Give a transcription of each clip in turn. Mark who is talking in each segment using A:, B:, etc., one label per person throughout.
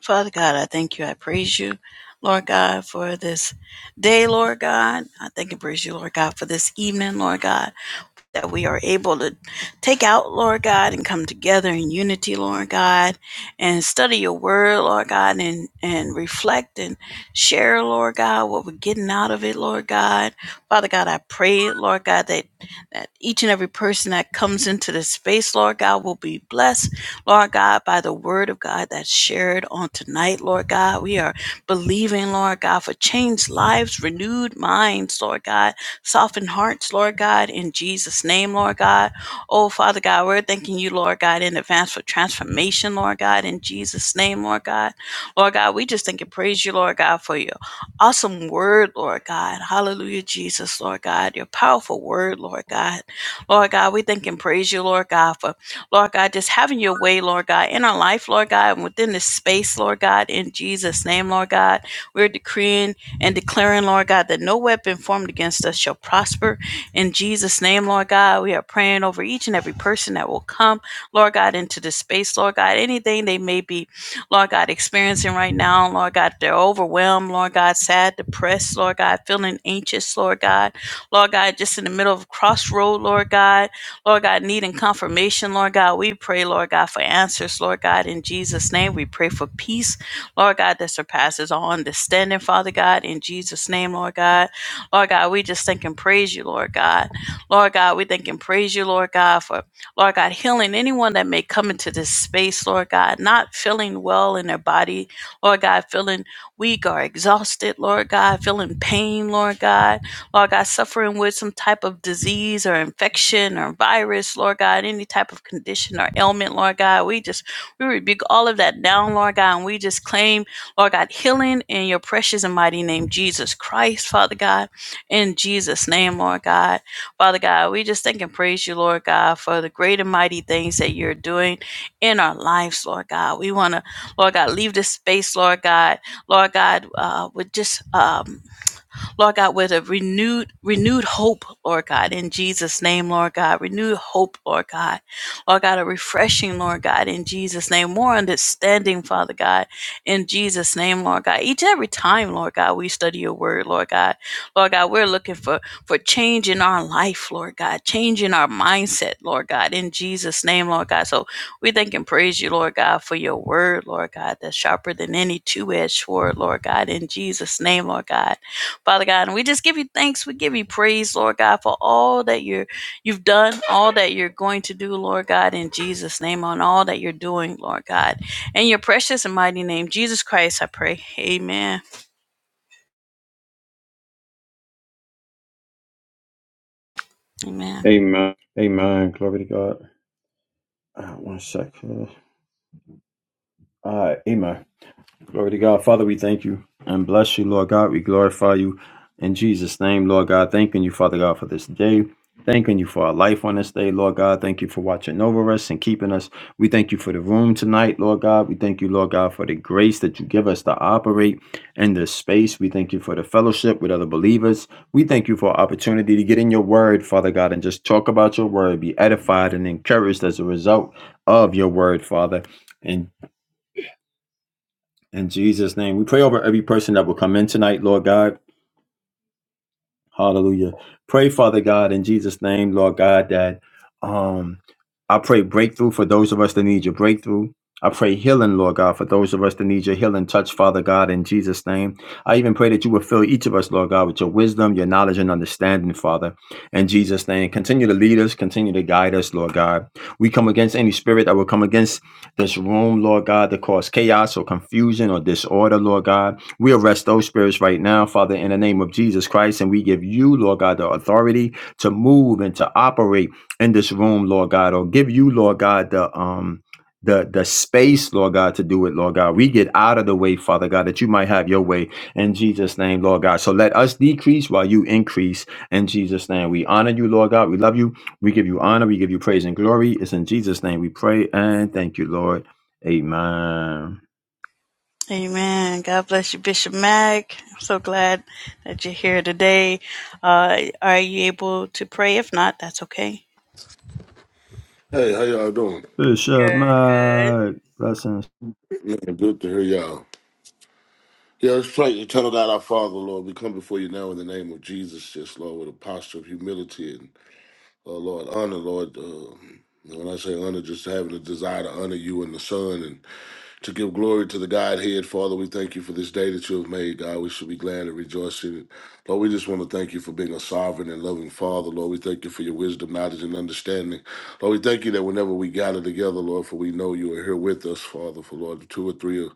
A: Father God, I thank you. I praise you, Lord God, for this day, Lord God. I thank and praise you, Lord God, for this evening, Lord God that we are able to take out, Lord God, and come together in unity, Lord God, and study your word, Lord God, and, and reflect and share, Lord God, what we're getting out of it, Lord God. Father God, I pray, Lord God, that, that each and every person that comes into this space, Lord God, will be blessed, Lord God, by the word of God that's shared on tonight, Lord God. We are believing, Lord God, for changed lives, renewed minds, Lord God Soften hearts, Lord God, in Jesus' name, Lord God. Oh, Father God, we're thanking you, Lord God, in advance for transformation, Lord God, in Jesus' name, Lord God. Lord God, we just thank and praise you, Lord God, for your awesome word, Lord God. Hallelujah, Jesus, Lord God, your powerful word, Lord God. Lord God, we thank and praise you, Lord God, for Lord God, just having your way, Lord God, in our life, Lord God, and within this space, Lord God, in Jesus' name, Lord God. We're decreeing and declaring, Lord God, that no weapon formed against us shall prosper. In Jesus' name, Lord God, we are praying over each and every person that will come, Lord God, into this space, Lord God, anything they may be, Lord God, experiencing right now, Lord God, they're overwhelmed, Lord God, sad, depressed, Lord God, feeling anxious, Lord God, Lord God, just in the middle of a crossroad, Lord God, Lord God, needing confirmation, Lord God, we pray, Lord God, for answers, Lord God, in Jesus' name, we pray for peace. Lord God, that surpasses all understanding, Father God, in Jesus' name, Lord God. Lord God, we just thank and praise you, Lord God. Lord God, we thank and praise you, Lord God, for, Lord God, healing anyone that may come into this space, Lord God, not feeling well in their body, Lord God, feeling weak or exhausted, Lord God, feeling pain, Lord God, Lord God, suffering with some type of disease or infection or virus, Lord God, any type of condition or ailment, Lord God. We just we rebuke all of that down, Lord God, and we just claim, Lord God, healing in your precious and mighty name, Jesus Christ, Father God, in Jesus' name, Lord God. Father God, we just thank and praise you, Lord God, for the great and mighty things that you're doing in our lives, Lord God. We want to, Lord God, leave this space, Lord God, Lord God, uh, with just um, Lord God, with a renewed, renewed hope, Lord God, in Jesus' name, Lord God, renewed hope, Lord God, Lord God, a refreshing, Lord God, in Jesus' name, more understanding, Father God, in Jesus' name, Lord God. Each and every time, Lord God, we study your word, Lord God, Lord God, we're looking for for change in our life, Lord God, change in our mindset, Lord God, in Jesus' name, Lord God. So we thank and praise you, Lord God, for your word, Lord God, that's sharper than any two edged sword, Lord God, in Jesus' name, Lord God. Father God. And we just give you thanks. We give you praise, Lord God, for all that you're you've done, all that you're going to do, Lord God, in Jesus' name, on all that you're doing, Lord God. In your precious and mighty name, Jesus Christ, I pray. Amen. Amen. Amen.
B: Amen. Glory to God. Uh, one second. All right. Amen. Glory to God. Father, we thank you and bless you, Lord God. We glorify you in Jesus' name, Lord God. Thanking you, Father God, for this day. Thanking you for our life on this day, Lord God. Thank you for watching over us and keeping us. We thank you for the room tonight, Lord God. We thank you, Lord God, for the grace that you give us to operate in this space. We thank you for the fellowship with other believers. We thank you for our opportunity to get in your word, Father God, and just talk about your word, be edified and encouraged as a result of your word, Father. In in Jesus' name, we pray over every person that will come in tonight, Lord God. Hallelujah. Pray, Father God, in Jesus' name, Lord God, that um, I pray breakthrough for those of us that need your breakthrough. I pray healing, Lord God, for those of us that need your healing touch, Father God, in Jesus' name. I even pray that you would fill each of us, Lord God, with your wisdom, your knowledge, and understanding, Father, in Jesus' name. Continue to lead us, continue to guide us, Lord God. We come against any spirit that will come against this room, Lord God, that cause chaos or confusion or disorder, Lord God. We arrest those spirits right now, Father, in the name of Jesus Christ, and we give you, Lord God, the authority to move and to operate in this room, Lord God, or give you, Lord God, the um the the space, Lord God, to do it, Lord God. We get out of the way, Father God, that you might have your way in Jesus' name, Lord God. So let us decrease while you increase in Jesus' name. We honor you, Lord God. We love you. We give you honor. We give you praise and glory. It's in Jesus' name we pray and thank you, Lord. Amen.
A: Amen. God bless you, Bishop Mack. I'm so glad that you're here today. Uh, are you able to pray? If not, that's okay.
C: Hey, how y'all doing?
B: Push up
A: Good, good.
B: my blessings.
C: Man, good to hear y'all. Yeah, let's pray. Eternal God, our Father, Lord, we come before you now in the name of Jesus, yes, Lord, with a posture of humility and, uh, Lord, honor, Lord. Uh, when I say honor, just having a desire to honor you and the Son to give glory to the Godhead. Father, we thank you for this day that you have made, God. We should be glad and rejoice in it. Lord, we just want to thank you for being a sovereign and loving Father. Lord, we thank you for your wisdom, knowledge, and understanding. Lord, we thank you that whenever we gather together, Lord, for we know you are here with us, Father. For Lord, two or three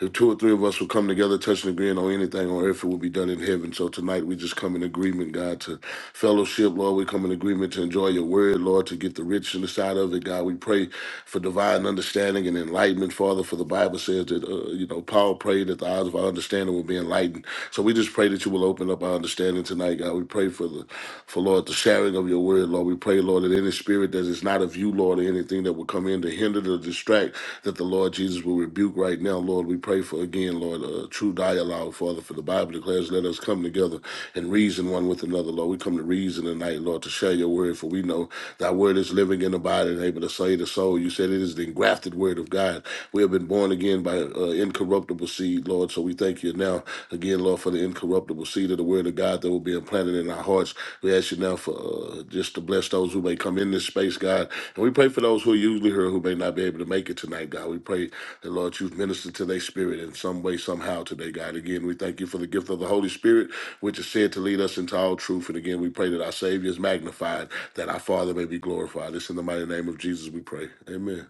C: if two or three of us will come together, touch and agree, and on anything on earth, it will be done in heaven. So tonight we just come in agreement, God, to fellowship, Lord. We come in agreement to enjoy your word, Lord, to get the rich in of it, God. We pray for divine understanding and enlightenment, Father, for the Bible says that, uh, you know, Paul prayed that the eyes of our understanding will be enlightened. So we just pray that you will open up our understanding tonight, God. We pray for the, for Lord, the sharing of your word, Lord. We pray, Lord, that any in his spirit that is not of you, Lord, or anything that would come in to hinder or distract, that the Lord Jesus will rebuke right now, Lord. We pray for again, Lord, a true dialogue, Father, for the Bible declares, let us come together and reason one with another, Lord. We come to reason tonight, Lord, to share your word, for we know thy word is living in the body and able to save the soul. You said it is the engrafted word of God. We have been born again by uh, incorruptible seed, Lord, so we thank you now again, Lord, for the incorruptible seed of the word of God that will be implanted in our hearts. We ask you now for uh, just to bless those who may come in this space, God. And we pray for those who are usually here who may not be able to make it tonight, God. We pray that, Lord, you've ministered to their spirit in some way, somehow today, God. Again, we thank you for the gift of the Holy Spirit, which is said to lead us into all truth. And again, we pray that our Savior is magnified, that our Father may be glorified. It's in the mighty name of Jesus we pray. Amen.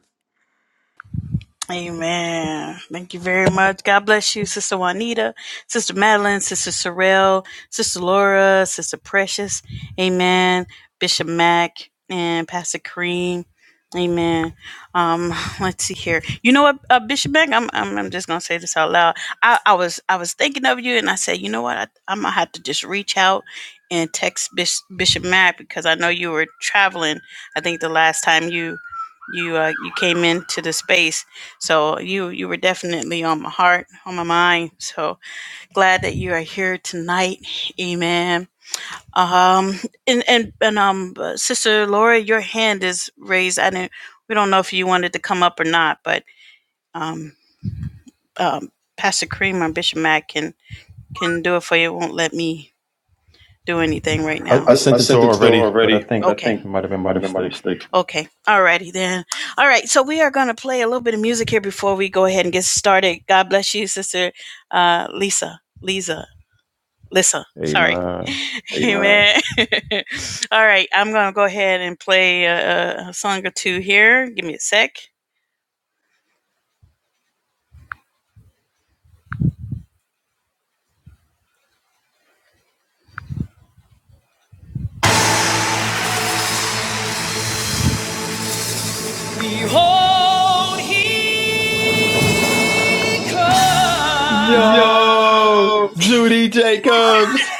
A: Amen. Thank you very much. God bless you, Sister Juanita, Sister Madeline, Sister Sorrell, Sister Laura, Sister Precious. Amen. Bishop Mack and Pastor Kareem. Amen. Um, let's see here. You know what, uh, Bishop Mack? I'm, I'm I'm just gonna say this out loud. I, I was I was thinking of you, and I said, you know what? I, I'm gonna have to just reach out and text Bish, Bishop Mack because I know you were traveling. I think the last time you you uh, you came into the space so you you were definitely on my heart, on my mind. So glad that you are here tonight. Amen. Um and and, and um uh, sister Laura, your hand is raised. I didn't we don't know if you wanted to come up or not, but um um Pastor Cream or Bishop Mack can can do it for you. It won't let me do anything right
B: I,
A: now.
B: I
A: I, I
B: sent it to
A: sent
B: her
A: it to her
B: already, but I
A: already, but
B: think
A: Okay. I
B: it
A: think
B: might have been
A: it
B: by
A: might have been my
B: mistake.
A: mistake. Okay. All righty then. All right. So we are going to play a little bit of music here before we go ahead and get started. God bless you, Sister uh, Lisa. Lisa. Lisa.
B: Hey
A: Sorry.
B: man.
A: Amen. Amen. All right. I'm going to go ahead and play a, a song or two here. Give me a sec.
B: Yo, Judy Jacobs.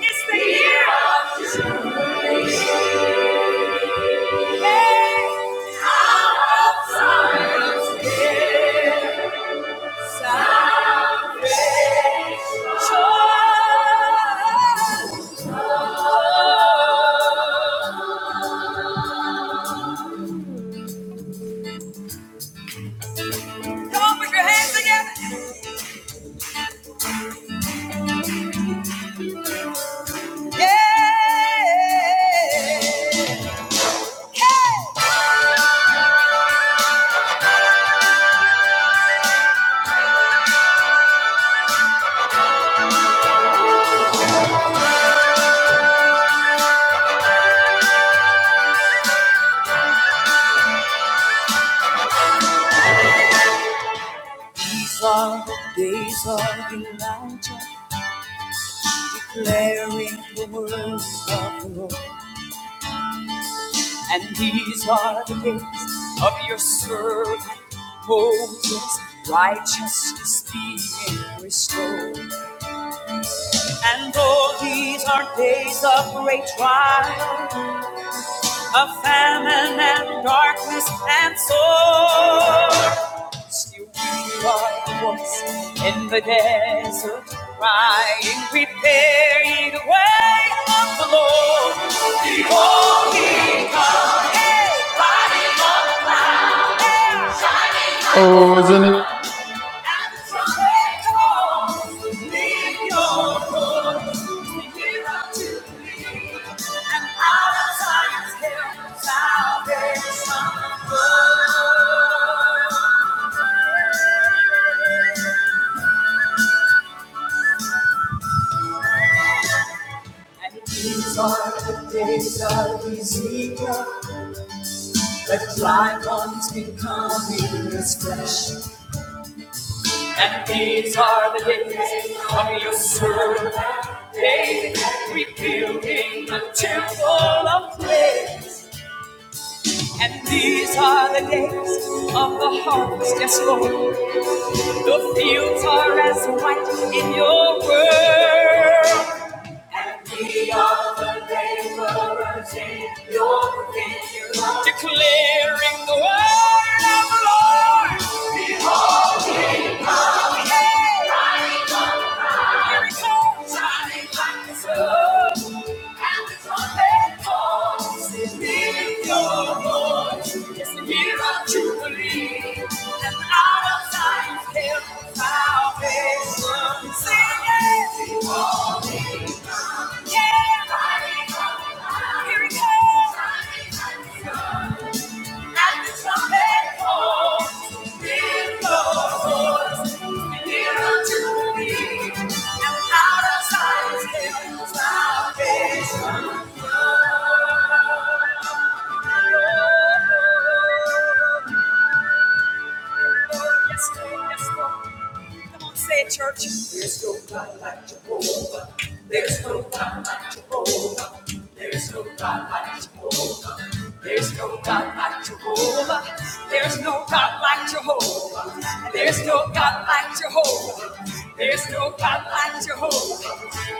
A: It's the year of jubilation. Hey, Our science is salvation. Come on, put your hands together. Yeah. Hey. These are the days of Elijah declaring the words of the Lord. And these are the days of your servant Moses, righteousness being restored. And though these are days of great trial, of famine and darkness and sore, still we are the ones in the desert, crying, prepare ye the way of the Lord. Behold, he comes. Hey!
B: Oh, is it?
A: These are the days of Ezekiel, the dry bones becoming as flesh. And these are the days of your servant David, rebuilding the temple of praise. And these are the days of the harvest, yes, Lord. The fields are as white in your world. And we are the laborers in your vineyard. Declaring the word of the Lord. Behold, he comes. Hey, Riding on the clouds. here he comes. Shining like the sun. And the trumpet calls. Lift your voice. It's the year of Jubilee. And out of times hell salvation. Sing it. Holy God. Yeah. Here it comes. At the trumpet call, it blows. Nearer to me. And out of times hell salvation. Yes, Lord. Yes, Lord. Come on, say it, church. There's no God like Jehovah. There's no God like Jehovah. There's no God like Jehovah. There's no God like Jehovah. There's no God like Jehovah. There's no God like Jehovah. There's no God like Jehovah.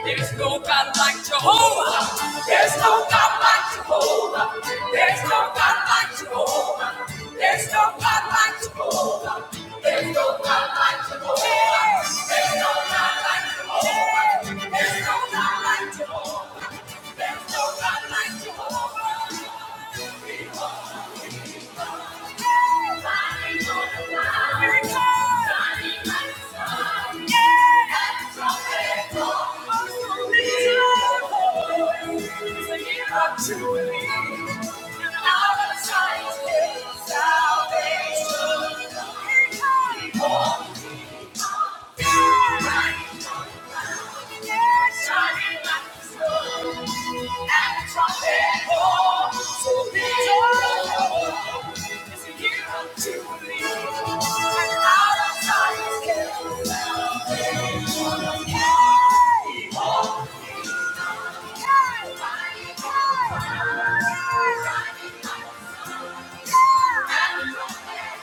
A: There's no God like Jehovah. There's no God like Jehovah. Jehovah. There's no God like Jehovah. There's no God like Jehovah. There's no God like Jehovah. There's no God like Jehovah. There's no God like Jehovah. There's no God like Jehovah. Salvation. Yeah.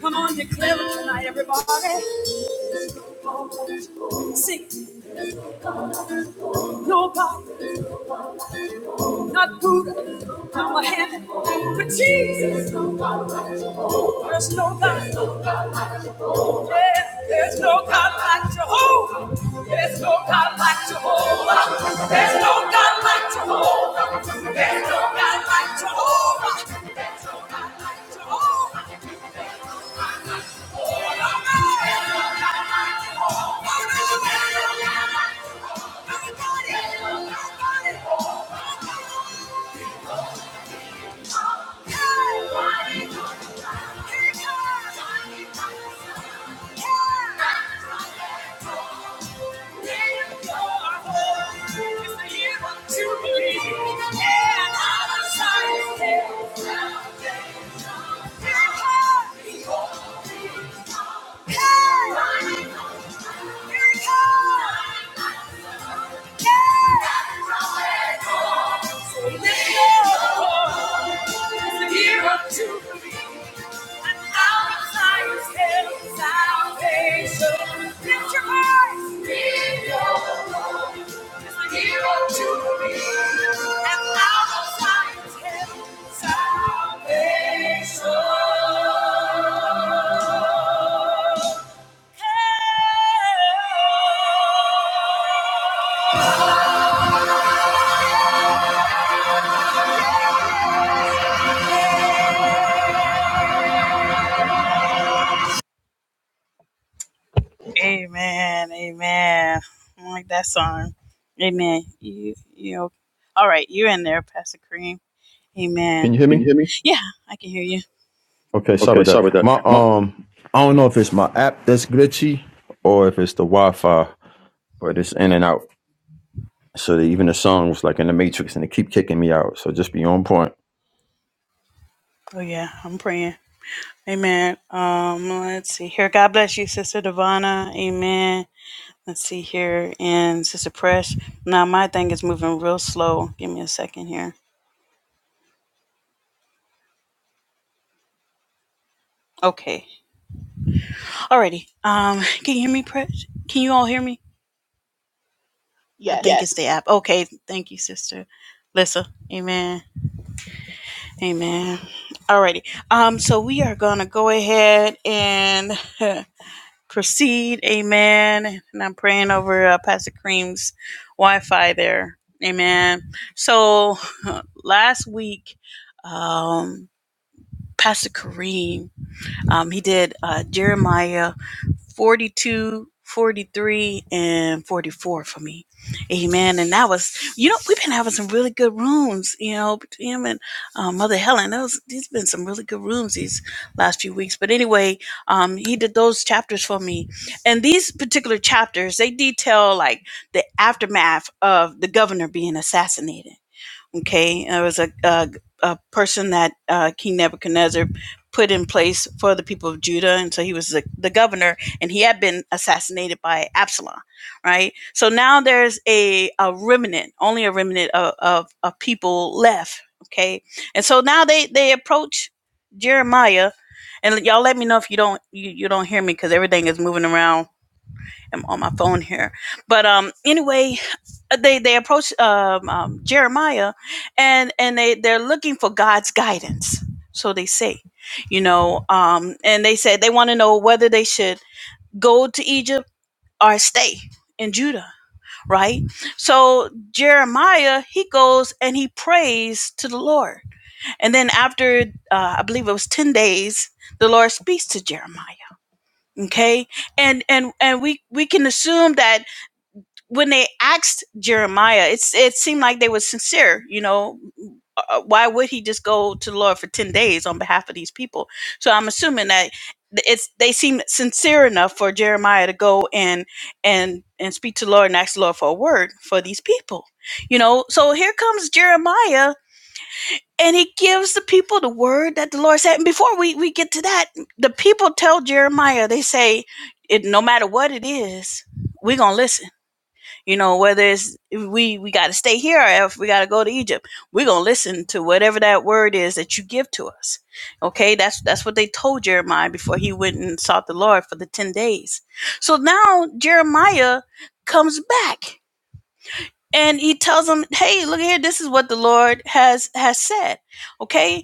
A: Come on, declare it tonight, everybody. Sing, nobody. not Buddha, not Mohammed, but Jesus. There's no God. Yeah, there's no God like Jehovah. There's no God like Jehovah. There's no God like Jehovah. There's no God like Jehovah. There's no God like Jehovah. There's no God like Jehovah. There's no God like Jehovah. Thank you. Here Yeah! Salvation. Amen. Amen. I like that song. Amen. You you all right, you in there, Pastor Kareem. Amen.
B: Can you hear
A: Can
B: me?
A: you hear me? Yeah, I can hear you.
B: Okay, sorry
A: Okay,
B: about
A: sorry
B: that.
A: about that.
B: My
A: Ma-
B: um, I don't know if it's my app that's glitchy or if it's the Wi-Fi, but it's in and out. So that even the song was like in the Matrix, and it keep kicking me out. So just be on point.
A: Oh yeah, I'm praying. Amen. Um, let's see here. God bless you, Sister Divana. Amen. Let's see here. And Sister Press. Now my thing is moving real slow. Give me a second here. Okay. Alrighty. Um, can you hear me, Press? Can you all hear me? I think it's
D: Yes.
A: Yes. the Yes. app. Okay, thank you, sister. Lissa. Amen. Amen. Alrighty. Um, so we are gonna go ahead and proceed. Amen. And I'm praying over uh, Pastor Cream's Wi-Fi there. Amen. So last week, um, Pastor Kareem, um, he did uh, Jeremiah. 42, 43, and 44 for me. Amen. And that was, you know, we've been having some really good rooms, you know, between him and uh, Mother Helen. Those, there's been some really good rooms these last few weeks. But anyway, um, he did those chapters for me. And these particular chapters, they detail like the aftermath of the governor being assassinated Okay, it was a, a, a person that uh, King Nebuchadnezzar put in place for the people of Judah, and so he was the, the governor, and he had been assassinated by Absalom, right? So now there's a, a remnant, only a remnant of, of, of people left, okay? And so now they, they approach Jeremiah, and y'all let me know if you don't you, you don't hear me because everything is moving around i am on my phone here. But um, anyway, uh, they they approach um, um, Jeremiah, and and they they're looking for God's guidance. So they say, you know, um, and they said they want to know whether they should go to Egypt or stay in Judah, right? So Jeremiah he goes and he prays to the Lord, and then after uh, I believe it was ten days, the Lord speaks to Jeremiah. Okay, and and and we we can assume that when they asked Jeremiah, it's it seemed like they were sincere. You know, Uh, uh, why would he just go to the Lord for ten days on behalf of these people? So I'm assuming that it's they seemed sincere enough for Jeremiah to go and and and speak to the Lord and ask the Lord for a word for these people. You know, so here comes Jeremiah. And he gives the people the word that the Lord said. And before we, we get to that, the people tell Jeremiah, they say, it, no matter what it is, we're going to listen you know, whether it's if we we got to stay here or if we got to go to Egypt, we're gonna listen to whatever that word is that you give to us. Okay, that's that's what they told Jeremiah before he went and sought the Lord for the ten days. So now Jeremiah comes back and he tells them, "Hey, look here. This is what the Lord has has said." Okay,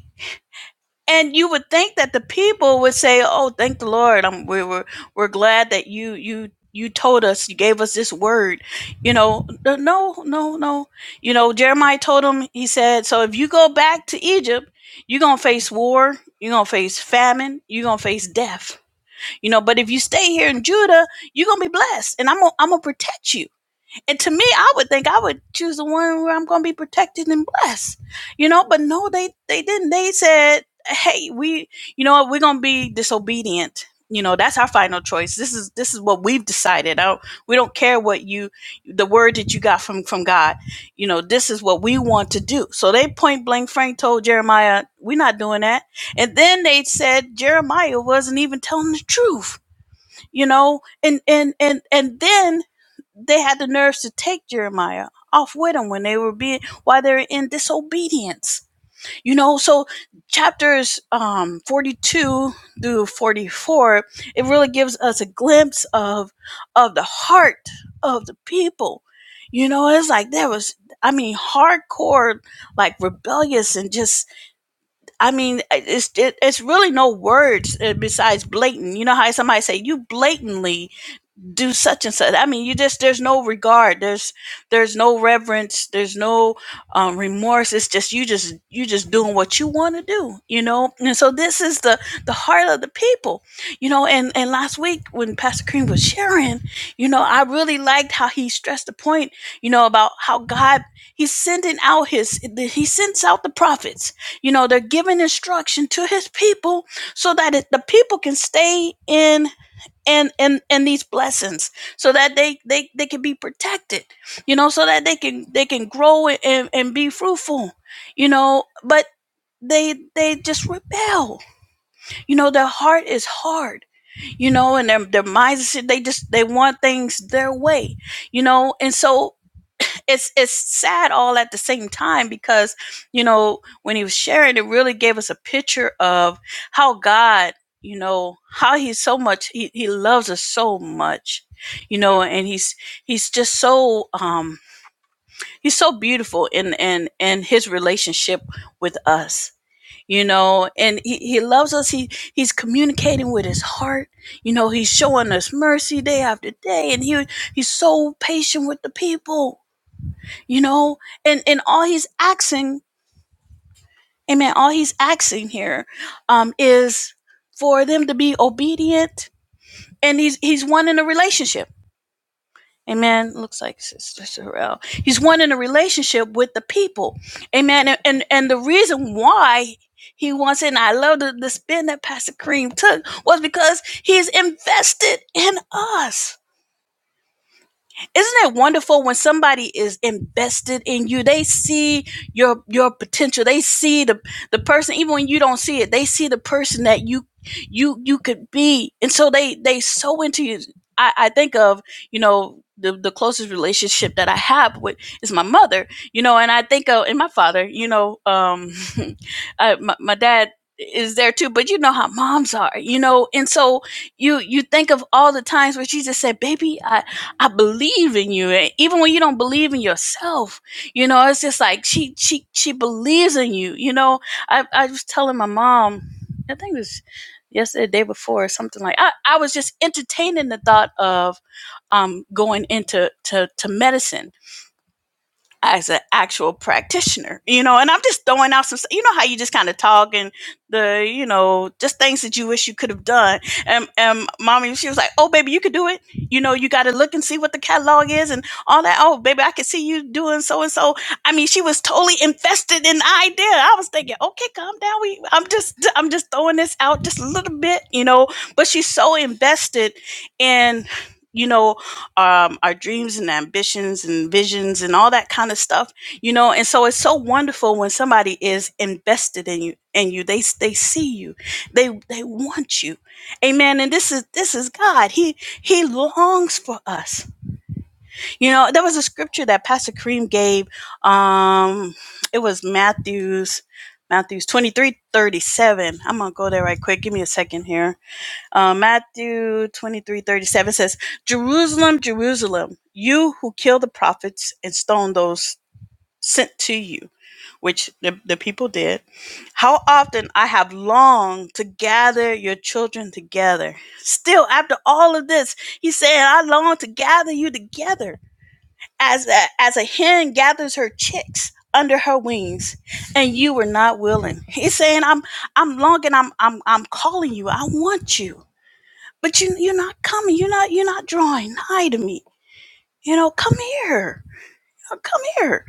A: and you would think that the people would say, "Oh, thank the Lord! I'm, we were we're glad that you you you told us, you gave us this word." You know, no, no, no. You know, Jeremiah told him. He said, "So if you go back to Egypt, you're gonna face war. You're gonna face famine. You're gonna face death. You know, but if you stay here in Judah, you're gonna be blessed, and I'm gonna, I'm gonna protect you." And to me, I would think I would choose the one where I'm going to be protected and blessed, you know. But no, they they didn't. They said, "Hey, we, you know, what? we're going to be disobedient. You know, that's our final choice. This is this is what we've decided. I don't, we don't care what you, the word that you got from from God. You know, this is what we want to do. So they point blank Frank told Jeremiah, "We're not doing that." And then they said Jeremiah wasn't even telling the truth you know and and and and then they had the nerves to take jeremiah off with them when they were being while they were in disobedience you know so chapters um 42 through 44 it really gives us a glimpse of of the heart of the people you know it's like there was i mean hardcore like rebellious and just I mean, it's it, it's really no words uh, besides blatant. You know how somebody say you blatantly do such and such. I mean, you just there's no regard. There's there's no reverence. There's no um, remorse. It's just you just you just doing what you want to do, you know. And so this is the the heart of the people, you know. And and last week when Pastor Cream was sharing, you know, I really liked how he stressed the point, you know, about how God he's sending out his he sends out the prophets. You know, they're giving instruction to his people so that it, the people can stay in and and and these blessings so that they they they can be protected you know so that they can they can grow and and be fruitful you know but they they just rebel you know their heart is hard you know and their their minds they just they want things their way you know and so it's it's sad all at the same time because you know when he was sharing it really gave us a picture of how god you know how he's so much he, he loves us so much you know and he's he's just so um he's so beautiful in in in his relationship with us you know and he, he loves us he he's communicating with his heart you know he's showing us mercy day after day and he he's so patient with the people you know and and all he's asking amen all he's asking here um is for them to be obedient and he's he's one in a relationship amen looks like sister sorrel he's one in a relationship with the people amen and and, and the reason why he wants it, and I love the, the spin that Pastor Cream took was because he's invested in us. Isn't it wonderful when somebody is invested in you? They see your your potential. They see the the person even when you don't see it. They see the person that you you you could be. And so they they so into you. I I think of, you know, the, the closest relationship that I have with is my mother, you know, and I think of and my father, you know, um I, my, my dad is there too, but you know how moms are, you know, and so you you think of all the times where she just said, "Baby, I." I believe in you. And even when you don't believe in yourself, you know, it's just like she she she believes in you. You know, I I was telling my mom, I think it was yesterday, the day before, or something like I, I was just entertaining the thought of um going into to to medicine as an actual practitioner, you know, and I'm just throwing out some, you know, how you just kind of talk and the, you know, just things that you wish you could have done. And, and mommy, she was like, oh, baby, you could do it. You know, you got to look and see what the catalog is and all that. Oh, baby, I could see you doing so and so. I mean, she was totally invested in the idea. I was thinking, okay, calm down. We, I'm just, I'm just throwing this out just a little bit, you know, but she's so invested in, you know, um, our dreams and ambitions and visions and all that kind of stuff, you know. And so it's so wonderful when somebody is invested in you, in you. They they see you, they they want you, amen. And this is this is God. He He longs for us. You know, there was a scripture that Pastor Kareem gave. Um, it was Matthew's Matthew's twenty three thirty seven. I'm gonna go there right quick. Give me a second here. Uh, Matthew twenty three thirty seven says, Jerusalem, Jerusalem, you who kill the prophets and stone those sent to you, which the, the people did. How often I have longed to gather your children together. Still, after all of this, he's saying, I long to gather you together as a, as a hen gathers her chicks under her wings and you were not willing he's saying i'm i'm longing i'm i'm i'm calling you i want you but you you're not coming. You're not you're not drawing nigh to me. You know, come here. You know, come here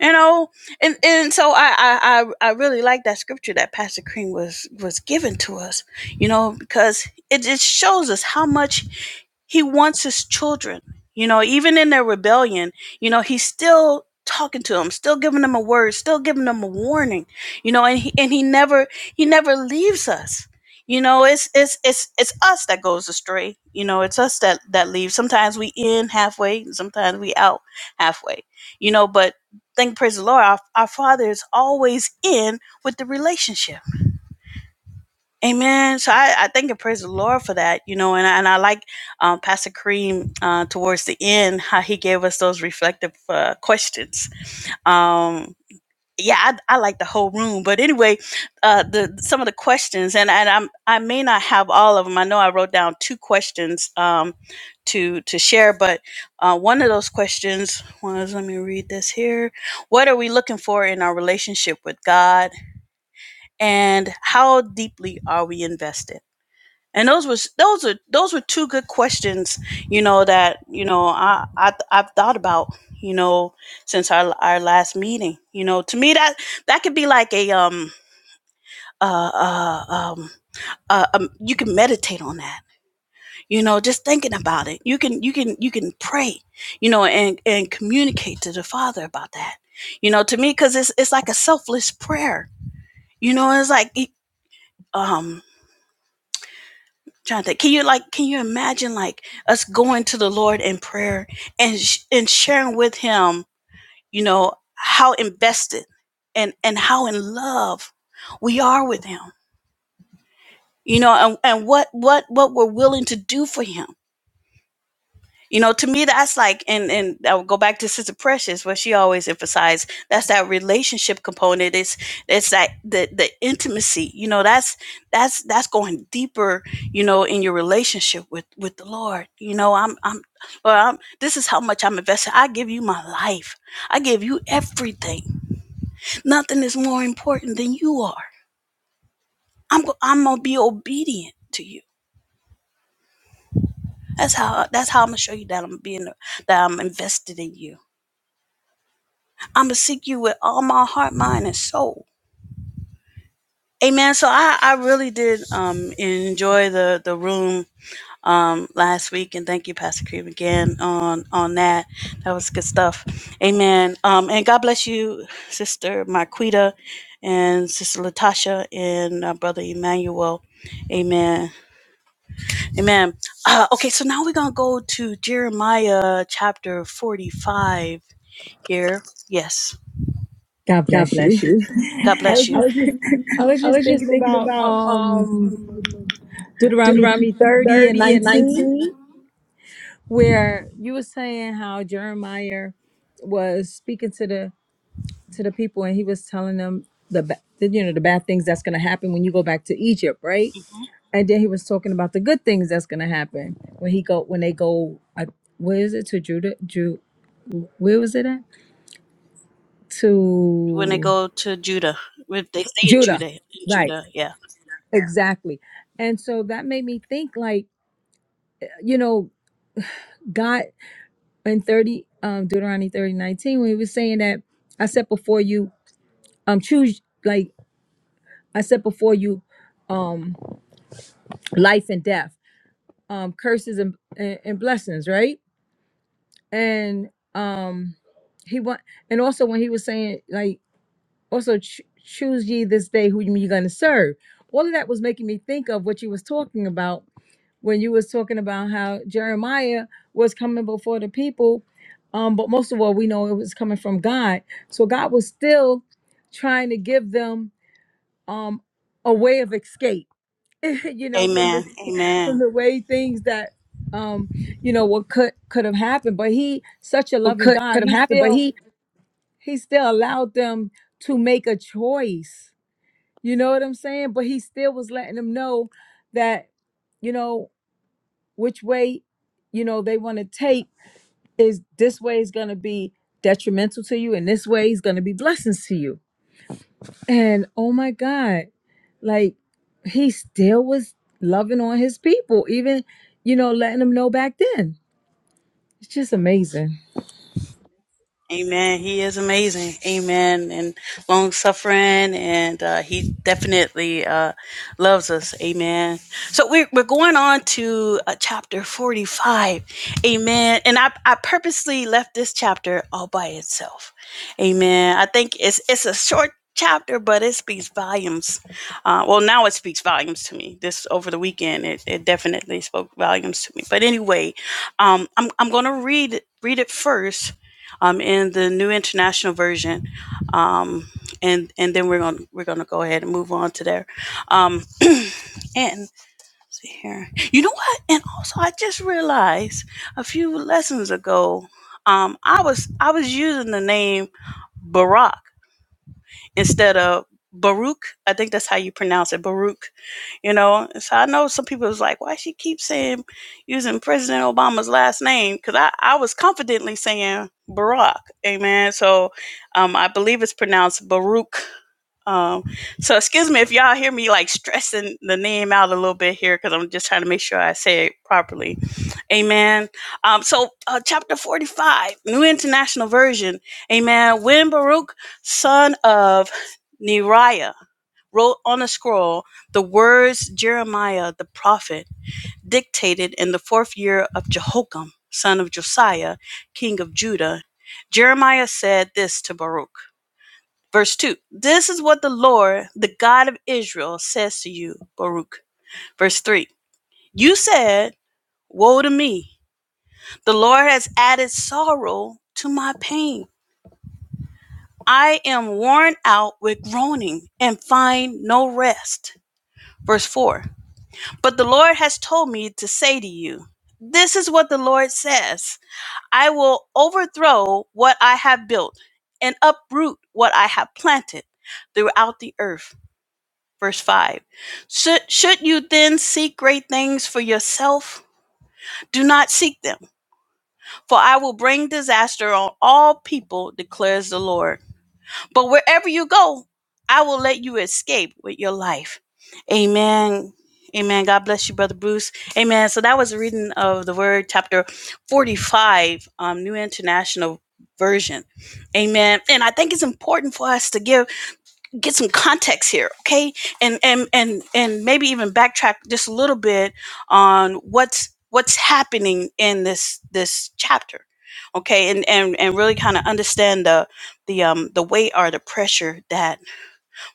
A: you know and and so I, I i i really like that scripture that pastor cream was was given to us you know because it it shows us how much he wants his children you know even in their rebellion you know he's still talking to them still giving them a word still giving them a warning you know and he and he never he never leaves us you know it's it's it's it's us that goes astray you know it's us that that leaves sometimes we in halfway sometimes we out halfway you know but Thank praise the Lord. Our, our Father is always in with the relationship. Amen. So I, I thank and praise the Lord for that, you know, and I, and I like um, Pastor Kareem uh, towards the end how he gave us those reflective uh, questions. Um, yeah, I, I like the whole room. But anyway, uh, the some of the questions, and, and I'm I may not have all of them. I know I wrote down two questions um, to to share, but uh, one of those questions was let me read this here. What are we looking for in our relationship with God, and how deeply are we invested? And those was those are those were two good questions, you know that you know I, I I've thought about you know since our our last meeting. You know, to me that that could be like a um uh, uh um. Uh, um, you can meditate on that you know just thinking about it you can you can you can pray you know and and communicate to the father about that you know to me because it's it's like a selfless prayer you know it's like it- um Jonathan, can you like can you imagine like us going to the Lord in prayer and sh- and sharing with him, you know, how invested and and how in love we are with him. You know, and, and what what what we're willing to do for him You know, to me, that's like, and and I'll go back to Sister Precious, where she always emphasized that's that relationship component. It's it's that the the intimacy. You know, that's that's that's going deeper. You know, in your relationship with with the Lord. You know, I'm I'm, Lord, I'm this is how much I'm invested. I give you my life. I give you everything. Nothing is more important than you are. I'm go- I'm gonna be obedient to you. That's how that's how I'm gonna show you that I'm being that I'm invested in you I'm gonna seek you with all my heart, mind, and soul. Amen. So I, I really did um, enjoy the the room um, last week, and thank you, Pastor Cream, again on on that. That was good stuff. Amen. Um, and God bless you, Sister Marquita, and Sister Latasha, and uh, Brother Emmanuel. Amen. Amen. Uh, okay, so now we're gonna go to Jeremiah chapter forty-five here. Yes.
E: God
A: God
E: bless you.
A: bless you. God
E: I
A: bless
E: was
A: I you.
E: just
A: was just
E: I was
A: I
E: just
A: was just
E: thinking
A: thinking
E: about
A: about
E: um
A: um
E: Deuteronomy
A: Deuteronomy
E: 30 and
A: 30 and
E: 19
A: 19.
E: where you were saying how Jeremiah was speaking to the to the people and he was telling them the, ba- the you know the bad things that's going to happen when you go back to Egypt, right? And then he was talking about the good things that's going to happen when he go when they go I, where is it to Judah? Ju, where was it at?
A: when they
E: To
A: go to Judah. If they stay in
E: Judah.
A: Judah, in
E: Right.
A: Judah, yeah.
E: Exactly. And so that made me think like, you know, God in 30 um Deuteronomy 30 19, when he was saying that I set before you um choose like I set before you um life and death, um curses and and, and blessings, right? And um he want and also when he was saying like also ch- choose ye this day who you're going to serve. All of that was making me think of what you was talking about when you was talking about how Jeremiah was coming before the people, um, but most of all, we know it was coming from God. So God was still trying to give them um, a way of escape, you know, from
A: Amen.
E: the from
A: Amen.
E: the way things that um, you know what could could have happened. But He, such a
A: What
E: loving
A: could
E: God,
A: could have
E: He
A: happened, but
E: still
A: he
E: He still allowed them to make a choice. You know what I'm saying? But He still was letting them know that. You know, which way you know they want to take is this way is going to be detrimental to you and this way is going to be blessings to you and oh my god like he still was loving on his people even you know letting them know back then it's just amazing
A: Amen. He is amazing. Amen. And long suffering, and uh, he definitely uh, loves us. Amen. So we're, we're going on to uh, chapter 45. Amen. And I, I purposely left this chapter all by itself. Amen. I think it's, it's a short chapter, but it speaks volumes. Uh, well, now it speaks volumes to me. This over the weekend, it, it definitely spoke volumes to me. But anyway, um, I'm, I'm going to read, read it first um, in the New International Version, um, and and then we're gonna we're gonna go ahead and move on to there. Um, and let's see here, you know what? And also, I just realized a few lessons ago, um, I was I was using the name Barack instead of Baruch. I think that's how you pronounce it, Baruch. You know, And so I know some people was like, why she keep saying using President Obama's last name? Because I, I was confidently saying Barack. Amen. So um, I believe it's pronounced Baruch. Um, so excuse me if y'all hear me like stressing the name out a little bit here because I'm just trying to make sure I say it properly. Amen. Um, so uh, chapter 45, New International Version. Amen. When Baruch son of Neriah, wrote on a scroll the words Jeremiah the prophet dictated in the fourth year of Jehoiakim, son of Josiah, king of Judah. Jeremiah said this to Baruch. Verse 2 This is what the Lord, the God of Israel, says to you, Baruch. Verse 3 You said, Woe to me! The Lord has added sorrow to my pain. I am worn out with groaning and find no rest. Verse 4 But the Lord has told me to say to you, This is what the Lord says I will overthrow what I have built and uproot what I have planted throughout the earth. Verse 5 should, should you then seek great things for yourself? Do not seek them, for I will bring disaster on all people, declares the Lord. But wherever you go, I will let you escape with your life. Amen. Amen. God bless you, Brother Bruce. Amen. So that was a reading of the Word, chapter 45, um, New International Version. Amen. And I think it's important for us to give get some context here okay and and and and maybe even backtrack just a little bit on what's what's happening in this this chapter okay and and and really kind of understand the the um the weight or the pressure that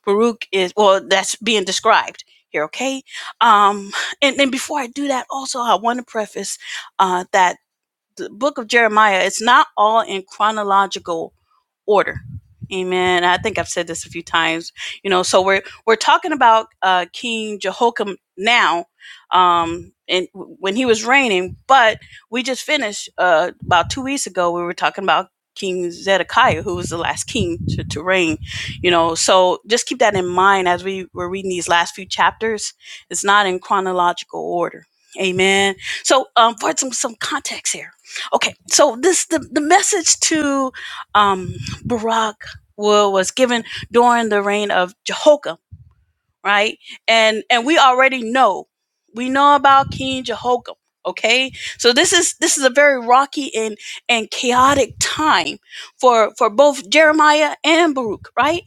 A: baruch is well that's being described here okay um and then before i do that also i want to preface uh that the book of jeremiah it's not all in chronological order. Amen. I think I've said this a few times. You know, so we're we're talking about uh, King Jehoiakim now, um, and w- when he was reigning. But we just finished uh, about two weeks ago. We were talking about King Zedekiah, who was the last king to, to reign. You know, so just keep that in mind as we were reading these last few chapters. It's not in chronological order. Amen. So, um, for some some context here. Okay, so this the the message to um Barack was given during the reign of Jehoiakim, right? And and we already know we know about King Jehoiakim. Okay, so this is this is a very rocky and and chaotic time for for both Jeremiah and Baruch, right?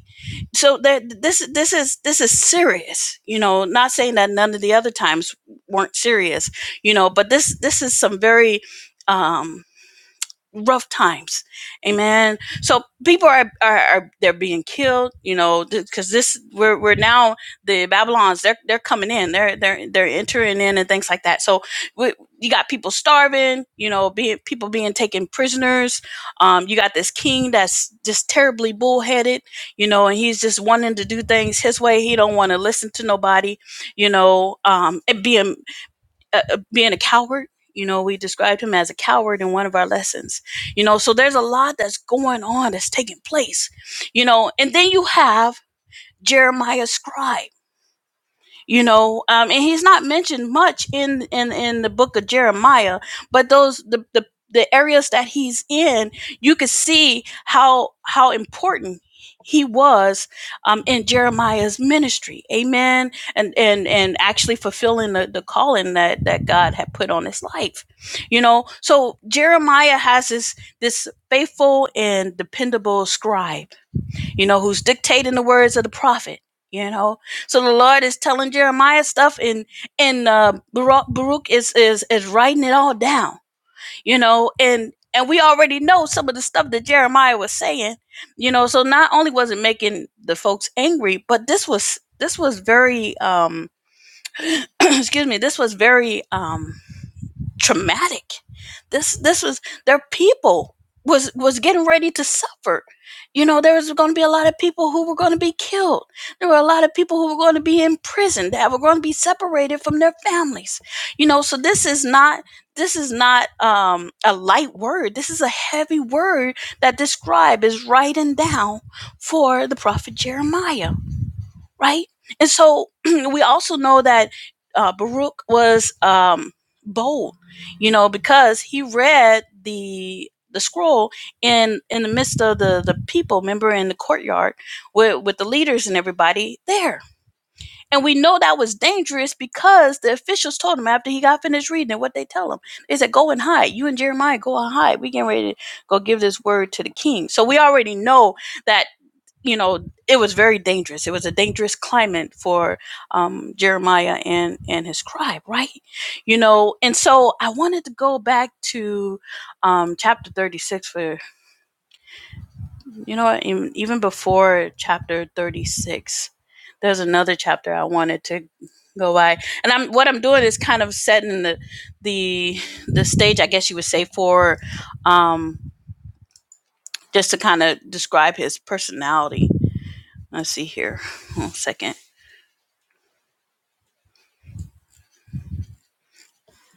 A: So that this this is this is serious, you know. Not saying that none of the other times weren't serious, you know, but this this is some very um rough times amen so people are are, are they're being killed you know because this we're, we're now the babylons they're they're coming in they're they're they're entering in and things like that so we, you got people starving you know being people being taken prisoners um you got this king that's just terribly bullheaded you know and he's just wanting to do things his way he don't want to listen to nobody you know um and being uh, uh, being a coward. You know, we described him as a coward in one of our lessons. You know, so there's a lot that's going on that's taking place. You know, and then you have Jeremiah scribe you know um and he's not mentioned much in in in the book of jeremiah but those the the, the areas that he's in you could see how how important he was um, in Jeremiah's ministry, Amen, and and and actually fulfilling the, the calling that that God had put on his life, you know. So Jeremiah has this this faithful and dependable scribe you know, who's dictating the words of the prophet, you know. So the Lord is telling Jeremiah stuff and and uh Baruch, Baruch is is is writing it all down, you know, and and we already know some of the stuff that Jeremiah was saying, you know, so not only was it making the folks angry, but this was this was very um excuse me, this was very um traumatic. This this was their people was was getting ready to suffer. You know, there was going to be a lot of people who were going to be killed. There were a lot of people who were going to be in prison that were going to be separated from their families. You know, so this is not this is not um, a light word. This is a heavy word that this scribe is writing down for the prophet Jeremiah right? And so we also know that uh, Baruch was um, bold, you know, because he read the the scroll in in the midst of the the people, remember, in the courtyard with with the leaders and everybody there. And we know that was dangerous because the officials told him after he got finished reading it, what they tell him. is that "Go and hide. You and Jeremiah go and hide. We getting ready to go give this word to the king." So we already know that you know, it was very dangerous. It was a dangerous climate for um, Jeremiah and and his tribe, right? You know, and so I wanted to go back to um, chapter thirty six for you know even even before chapter thirty six, there's another chapter I wanted to go by, and I'm what I'm doing is kind of setting the the the stage, I guess you would say, for um, just to kind of describe his personality. Let's see here, one second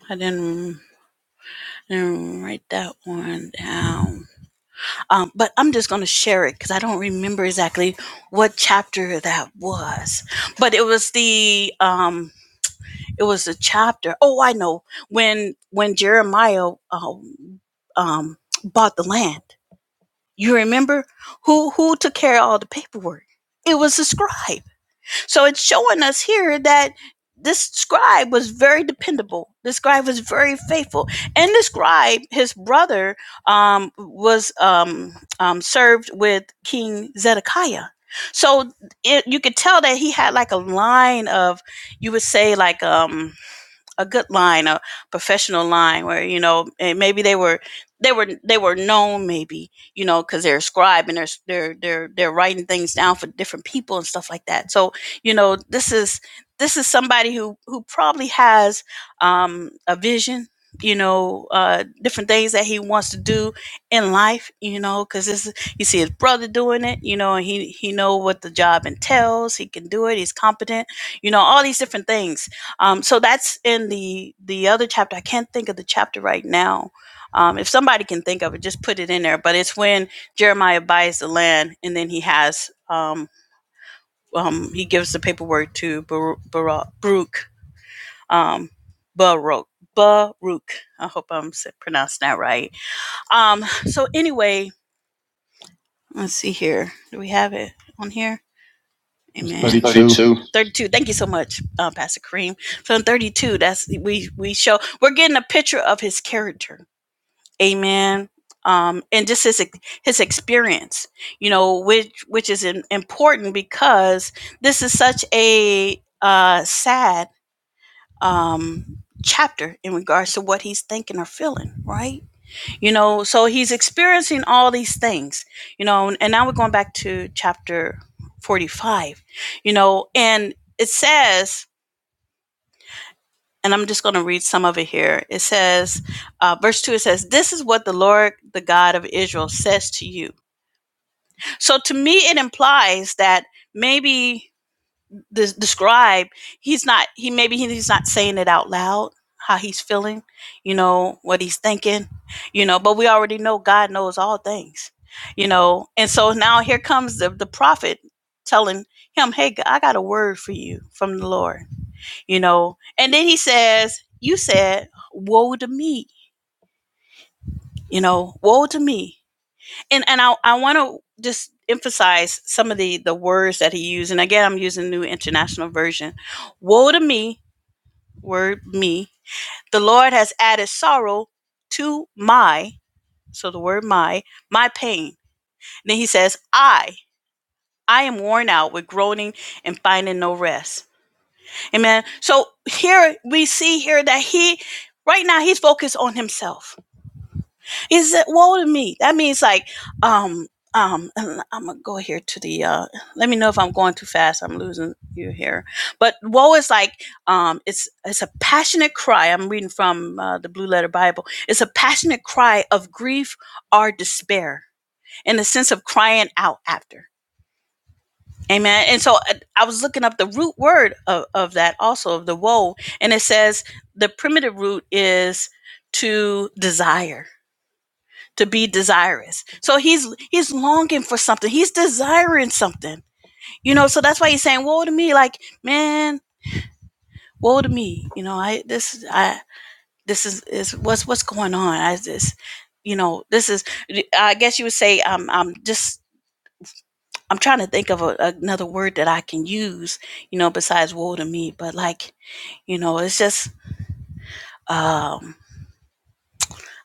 A: I didn't, I didn't write that one down. Um, but I'm just going to share it because I don't remember exactly what chapter that was. But it was the um, it was a chapter. Oh, I know when when Jeremiah um, um, bought the land. You remember who who took care of all the paperwork? It was the scribe. So it's showing us here that this scribe was very dependable. This scribe was very faithful, and this scribe, his brother, um, was um, um, served with King Zedekiah. So it, you could tell that he had like a line of, you would say like um, a good line, a professional line where, you know, and maybe they were they were they were known maybe, you know, cuz they're a scribe and they're they're they're they're writing things down for different people and stuff like that. So, you know, this is this is somebody who who probably has um a vision you know uh different things that he wants to do in life you know because this you see his brother doing it you know and he he know what the job entails he can do it he's competent you know all these different things um, so that's in the the other chapter. I can't think of the chapter right now. Um, if somebody can think of it, just put it in there. But it's when Jeremiah buys the land, and then he has um, um, he gives the paperwork to Baru- Baru- Baruch um, Baruch Baruch. I hope I'm pronouncing that right. Um, so anyway, let's see here. Do we have it on here?
F: It
A: It's
F: was
A: Amen. It's
F: 32. You
A: 32. 32 thank you so much uh, pastor kareem so in 32 that's we we show we're getting a picture of his character amen um and just his his experience you know which which is im- important because this is such a uh sad um chapter in regards to what he's thinking or feeling right you know, so he's experiencing all these things, you know, and now we're going back to chapter 45, you know, and it says, and I'm just going to read some of it here. It says, uh, verse 2, it says, This is what the Lord, the God of Israel, says to you. So to me, it implies that maybe the, the scribe he's not he maybe he's not saying it out loud how he's feeling you know what he's thinking you know but we already know god knows all things you know and so now here comes the, the prophet telling him hey g- i got a word for you from the lord you know and then he says you said woe to me you know woe to me and and i, I want to just emphasize some of the the words that he used and again i'm using the new international version woe to me word me. The Lord has added sorrow to my, so the word my, my pain. And then he says, I, I am worn out with groaning and finding no rest. Amen. So here we see here that he, right now, he's focused on himself. Is it woe to me? That means like, um, um, I'm gonna go here to the. Uh, let me know if I'm going too fast. I'm losing you here. But woe is like, um, it's it's a passionate cry. I'm reading from uh, the Blue Letter Bible. It's a passionate cry of grief or despair, in the sense of crying out after. Amen. And so uh, I was looking up the root word of, of that also of the woe, and it says the primitive root is to desire to be desirous. So he's he's longing for something. He's desiring something. You know, so that's why he's saying, Woe to me, like, man, woe to me. You know, I this I this is, is what's what's going on. I this you know, this is I guess you would say I'm I'm just I'm trying to think of a, another word that I can use, you know, besides woe to me. But like, you know, it's just um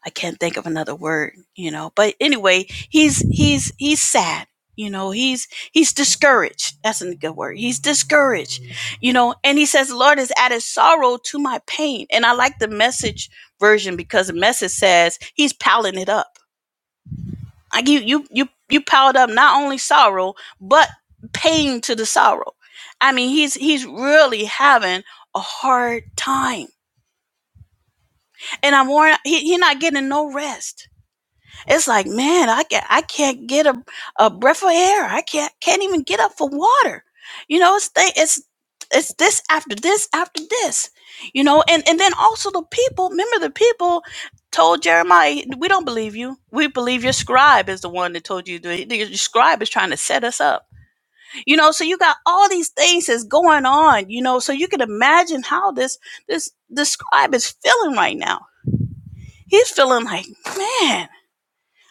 A: I can't think of another word, you know. But anyway, he's he's he's sad, you know. He's he's discouraged. That's a good word. He's discouraged, you know. And he says, "Lord has added sorrow to my pain." And I like the message version because the message says he's piling it up. Like you you you you piled up not only sorrow but pain to the sorrow. I mean, he's he's really having a hard time, and I'm worried. He he not getting no rest It's like, man, I can I can't get a, a breath of air. I can't can't even get up for water. You know, it's th- it's it's this after this after this. You know, and and then also the people. Remember, the people told Jeremiah, "We don't believe you. We believe your scribe is the one that told you. that- that Your scribe is trying to set us up." You know, so you got all these things that's going on. You know, so you can imagine how this this this scribe is feeling right now. He's feeling like, man,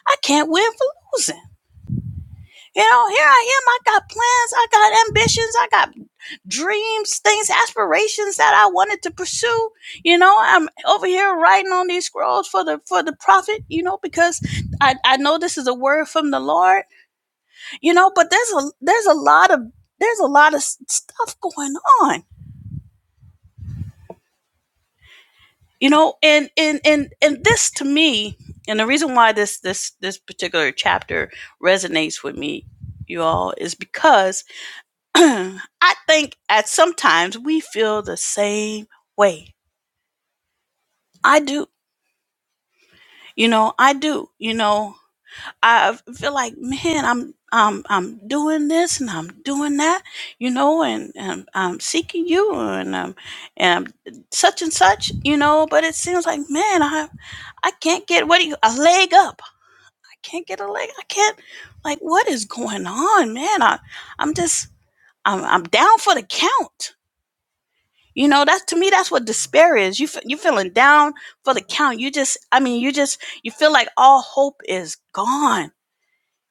A: I can't win for losing. You know, here I am. I got plans, I got ambitions, I got dreams, things, aspirations that I wanted to pursue. You know, I'm over here writing on these scrolls for the for the prophet, you know, because I, I know this is a word from the Lord, you know, but there's a there's a lot of there's a lot of s- stuff going on. You know, and and and and this to me, and the reason why this this this particular chapter resonates with me, you all, is because I think at sometimes we feel the same way. I do. You know, I do. You know, I feel like, man, I'm I'm I'm doing this and I'm doing that, you know, and, and I'm seeking you and um and I'm such and such, you know, but it seems like, man, I I can't get what do you a leg up. I can't get a leg. I can't like what is going on, man? I I'm just I'm I'm down for the count You know, that's to me, that's what despair is. You fe- you feeling down for the count. You just, I mean, you just, you feel like all hope is gone.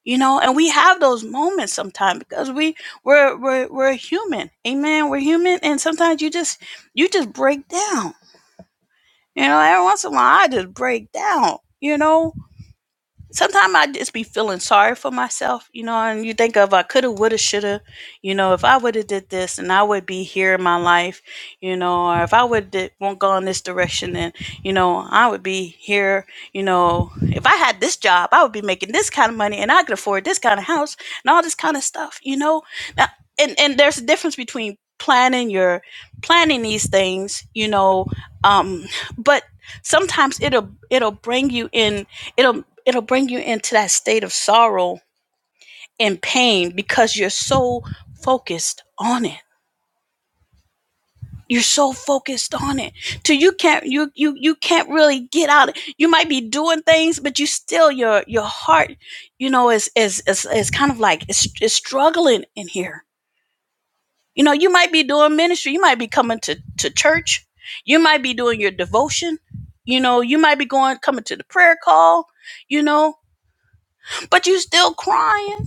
A: You know, and we have those moments sometimes because we we're we're we're human, amen. We're human, and sometimes you just you just break down. You know, every once in a while I just break down. You know, sometimes I just be feeling sorry for myself, you know, and you think of I coulda, woulda, shoulda, you know, if I woulda did this and I would be here in my life, you know, or if I would did, won't go in this direction and, you know, I would be here, you know, if I had this job, I would be making this kind of money and I could afford this kind of house and all this kind of stuff, you know. Now, and, and there's a difference between planning your planning these things, you know, um, but sometimes it'll it'll bring you in it'll it'll bring you into that state of sorrow and pain because you're so focused on it you're so focused on it till you can't you you you can't really get out you might be doing things but you still your your heart you know is is is, is kind of like it's, it's struggling in here you know you might be doing ministry you might be coming to to church you might be doing your devotion you know you might be going coming to the prayer call you know but you still crying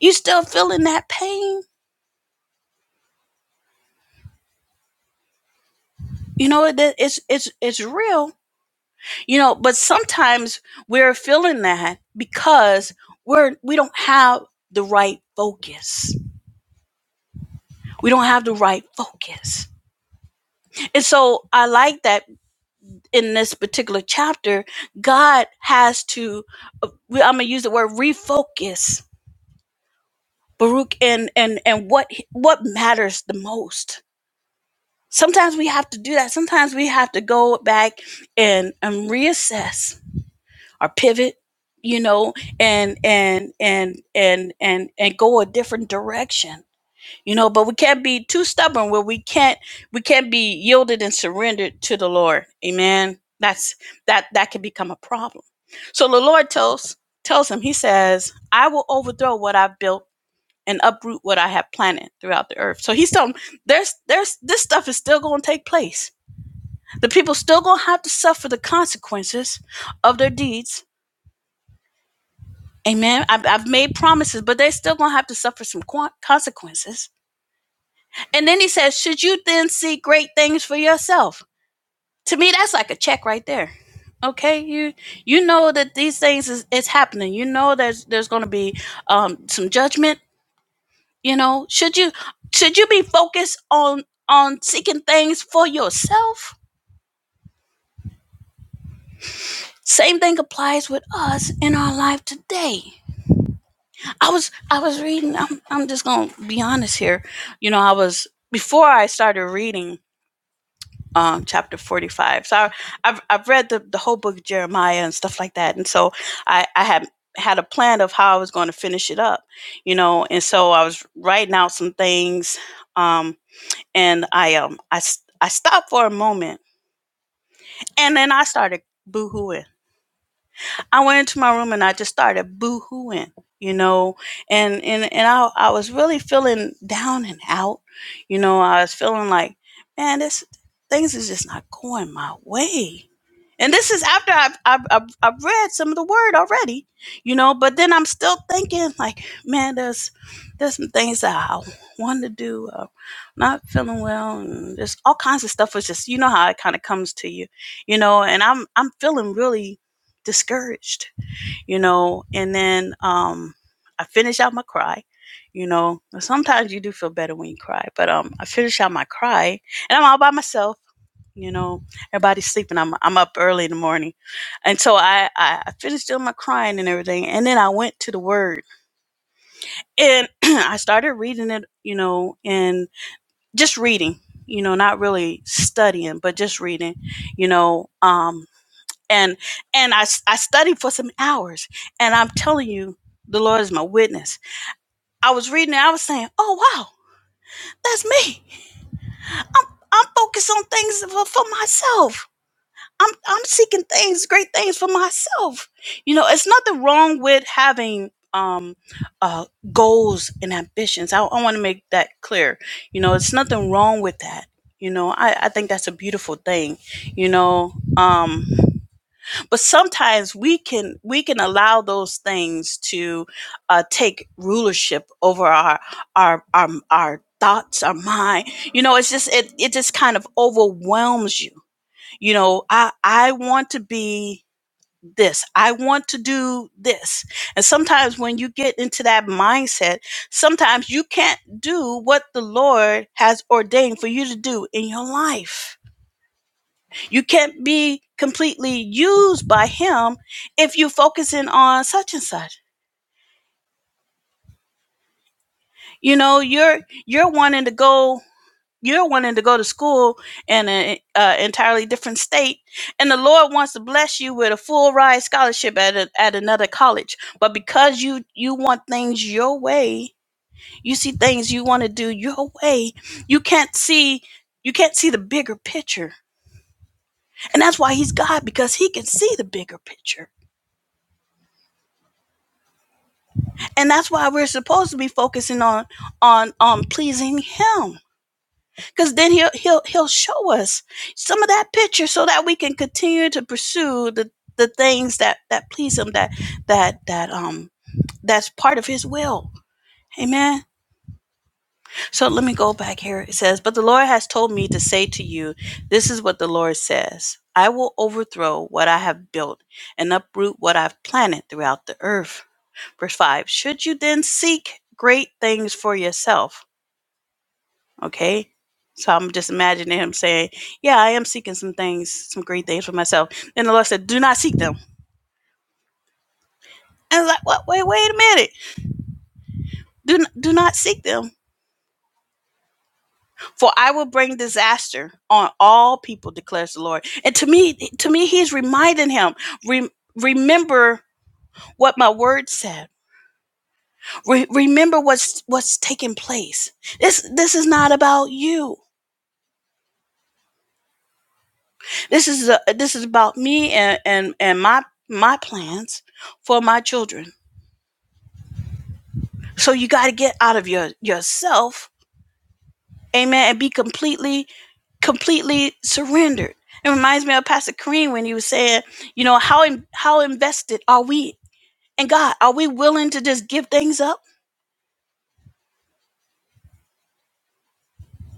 A: you still feeling that pain you know that it's it's it's real you know but sometimes we're feeling that because we're we don't have the right focus we don't have the right focus and so i like that in this particular chapter god has to uh, we- i'm gonna use the word refocus baruch and and and what what matters the most sometimes we have to do that sometimes we have to go back and and reassess or pivot you know and and and and and and go a different direction you know but we can't be too stubborn where we can't we can't be yielded and surrendered to the lord amen that's that that can become a problem so the lord tells tells him he says i will overthrow what i've built and uproot what i have planted throughout the earth so he's telling him, there's there's this stuff is still going to take place the people still going to have to suffer the consequences of their deeds Amen. I've, I've made promises, but they're still going to have to suffer some qu- consequences. And then he says, Should you then seek great things for yourself? To me, that's like a check right there. Okay, you you know that these things is, is happening. You know there's there's going to be um, some judgment. You know, should you should you be focused on on seeking things for yourself? Same thing applies with us in our life today. I was I was reading. I'm I'm just gonna be honest here. You know, I was before I started reading um, chapter 45. So I, I've I've read the the whole book of Jeremiah and stuff like that, and so I I had had a plan of how I was going to finish it up. You know, and so I was writing out some things, um, and I um I s- I stopped for a moment, and then I started boohooing. I went into my room and I just started boo-hooing, you know, and and and I I was really feeling down and out, you know. I was feeling like, man, this things is just not going my way. And this is after I've, I've, I've, I've read some of the word already, you know, but then I'm still thinking like, man, there's, there's some things that I want to do, uh, not feeling well. And there's all kinds of stuff. It's just, you know, how it kind of comes to you, you know, and I'm, I'm feeling really discouraged, you know. And then um, I finish out my cry, you know. Sometimes you do feel better when you cry, but um, I finish out my cry, and I'm all by myself. You know, everybody's sleeping. I'm I'm up early in the morning, and so I I, I finished doing my crying and everything, and then I went to the Word and I started reading it. You know, and just reading. You know, not really studying, but just reading. You know, um, and and I I studied for some hours and i'm telling you the lord is my witness i was reading it i was saying oh wow that's me i'm i'm focused on things for, for myself i'm i'm seeking things great things for myself you know it's nothing wrong with having um uh goals and ambitions i, I want to make that clear you know it's nothing wrong with that you know i i think that's a beautiful thing you know um but sometimes we can we can allow those things to uh, take rulership over our our our, our thoughts our mind you know it's just it, it just kind of overwhelms you you know i i want to be this i want to do this and sometimes when you get into that mindset sometimes you can't do what the lord has ordained for you to do in your life you can't be completely used by him if you're focusing on such and such. You know, you're you're wanting to go you're wanting to go to school in an entirely different state, and the Lord wants to bless you with a full ride scholarship at a, at another college. But because you you want things your way, you see things you want to do your way. You can't see you can't see the bigger picture, and that's why He's God because He can see the bigger picture and that's why we're supposed to be focusing on on on pleasing him because then he'll he'll he'll show us some of that picture so that we can continue to pursue the the things that that please him that that that um that's part of his will amen so let me go back here it says but the lord has told me to say to you this is what the lord says i will overthrow what i have built and uproot what i've planted throughout the earth Verse 5 Should you then seek great things for yourself? Okay. So I'm just imagining him saying, Yeah, I am seeking some things, some great things for myself. And the Lord said, Do not seek them. And I was like, what? Wait, wait a minute. Do, do not seek them. For I will bring disaster on all people, declares the Lord. And to me, to me, he's reminding him, "Rem- remember what my word said. Re- remember what's what's taking place. This this is not about you. This is a, this is about me and and and my my plans for my children. So you got to get out of your yourself, amen, and be completely completely surrendered. It reminds me of Pastor Kareem when he was saying, you know, how in, how invested are we in God? Are we willing to just give things up?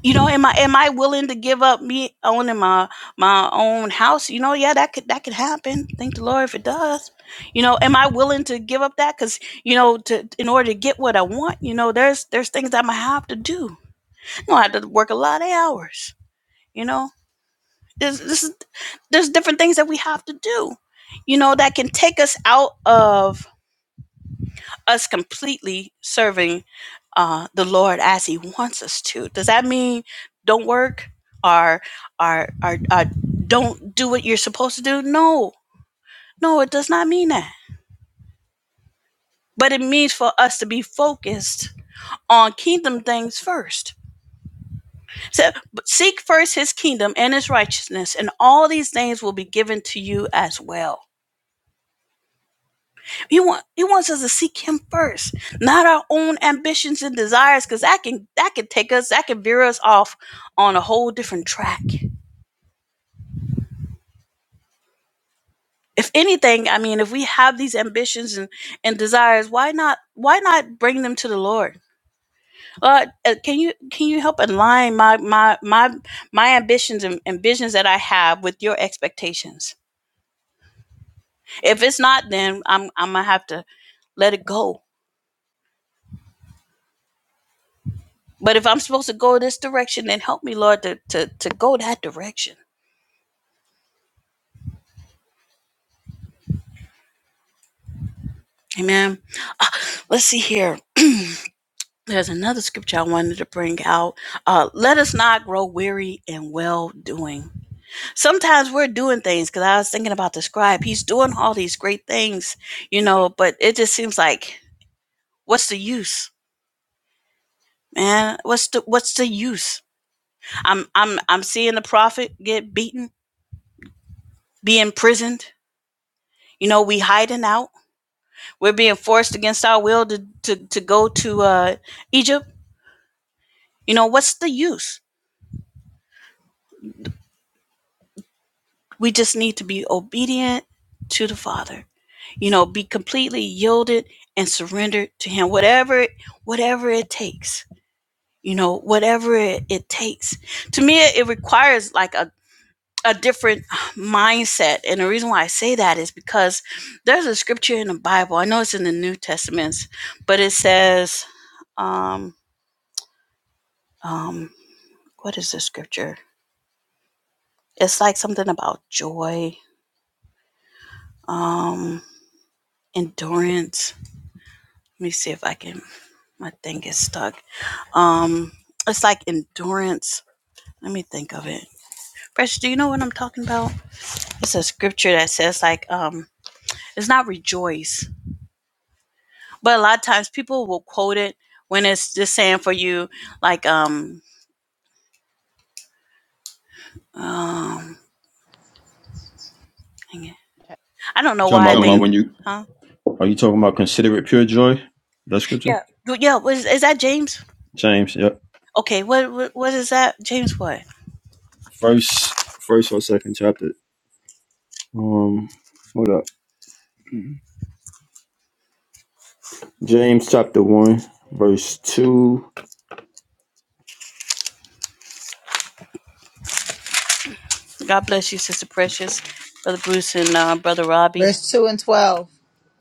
A: you know am i am i willing to give up me owning my my own house you know yeah that could that could happen thank the lord if it does you know am i willing to give up that because you know to in order to get what i want you know there's there's things i'm gonna have to do i'm gonna have to work a lot of hours you know there's this is there's different things that we have to do you know that can take us out of us completely serving uh, the Lord as He wants us to. Does that mean don't work or, or, or, or don't do what you're supposed to do? No, no, it does not mean that. But it means for us to be focused on kingdom things first. So seek first His kingdom and His righteousness, and all these things will be given to you as well. He want he wants us to seek him first, not our own ambitions and desires, because that can that can take us, that can veer us off on a whole different track. If anything, I mean, if we have these ambitions and, and desires, why not why not bring them to the Lord? Uh, uh, can you can you help align my my my my ambitions and, and visions that I have with your expectations? If it's not, then I'm I'm gonna have to let it go But if I'm supposed to go this direction, then help me, Lord, to, to, to go that direction. Amen. Let's see here. There's another scripture I wanted to bring out. Uh, let us not grow weary in well doing. Sometimes we're doing things because I was thinking about the scribe. He's doing all these great things, you know, but it just seems like, what's the use, man? What's the what's the use? I'm I'm I'm seeing the prophet get beaten, be imprisoned. You know, we hiding out We're being forced against our will to, to, to go to uh, Egypt. You know, what's the use? We just need to be obedient to the Father. You know, be completely yielded and surrendered to Him. Whatever, whatever it takes. You know, whatever it, it takes. To me, it, requires like a a different mindset. And the reason why I say that is because there's a scripture in the Bible. I know it's in the New Testaments, but it says, um, um, what is the scripture? It's like something about joy, um, endurance. Let me see if I can. My thing is stuck. Um, it's like endurance. Let me think of it. Fresh, do you know what I'm talking about? It's a scripture that says like, um, it's not rejoice, but a lot of times people will quote it when it's just saying for you, like, um, um, dang it. I don't know
F: talking
A: why I
F: about
A: Talking
F: when
A: about think,
F: you
A: when you huh?
F: are you talking about consider it pure joy? That scripture?
A: Yeah, well, yeah. Was is that James?
F: James, yep.
A: Okay, what what, what is that? James what?
F: First first or second chapter. Um hold up. James chapter one, verse two.
A: God bless you, Sister Precious, Brother Bruce, and uh, Brother Robbie.
E: Verse 2 and 12.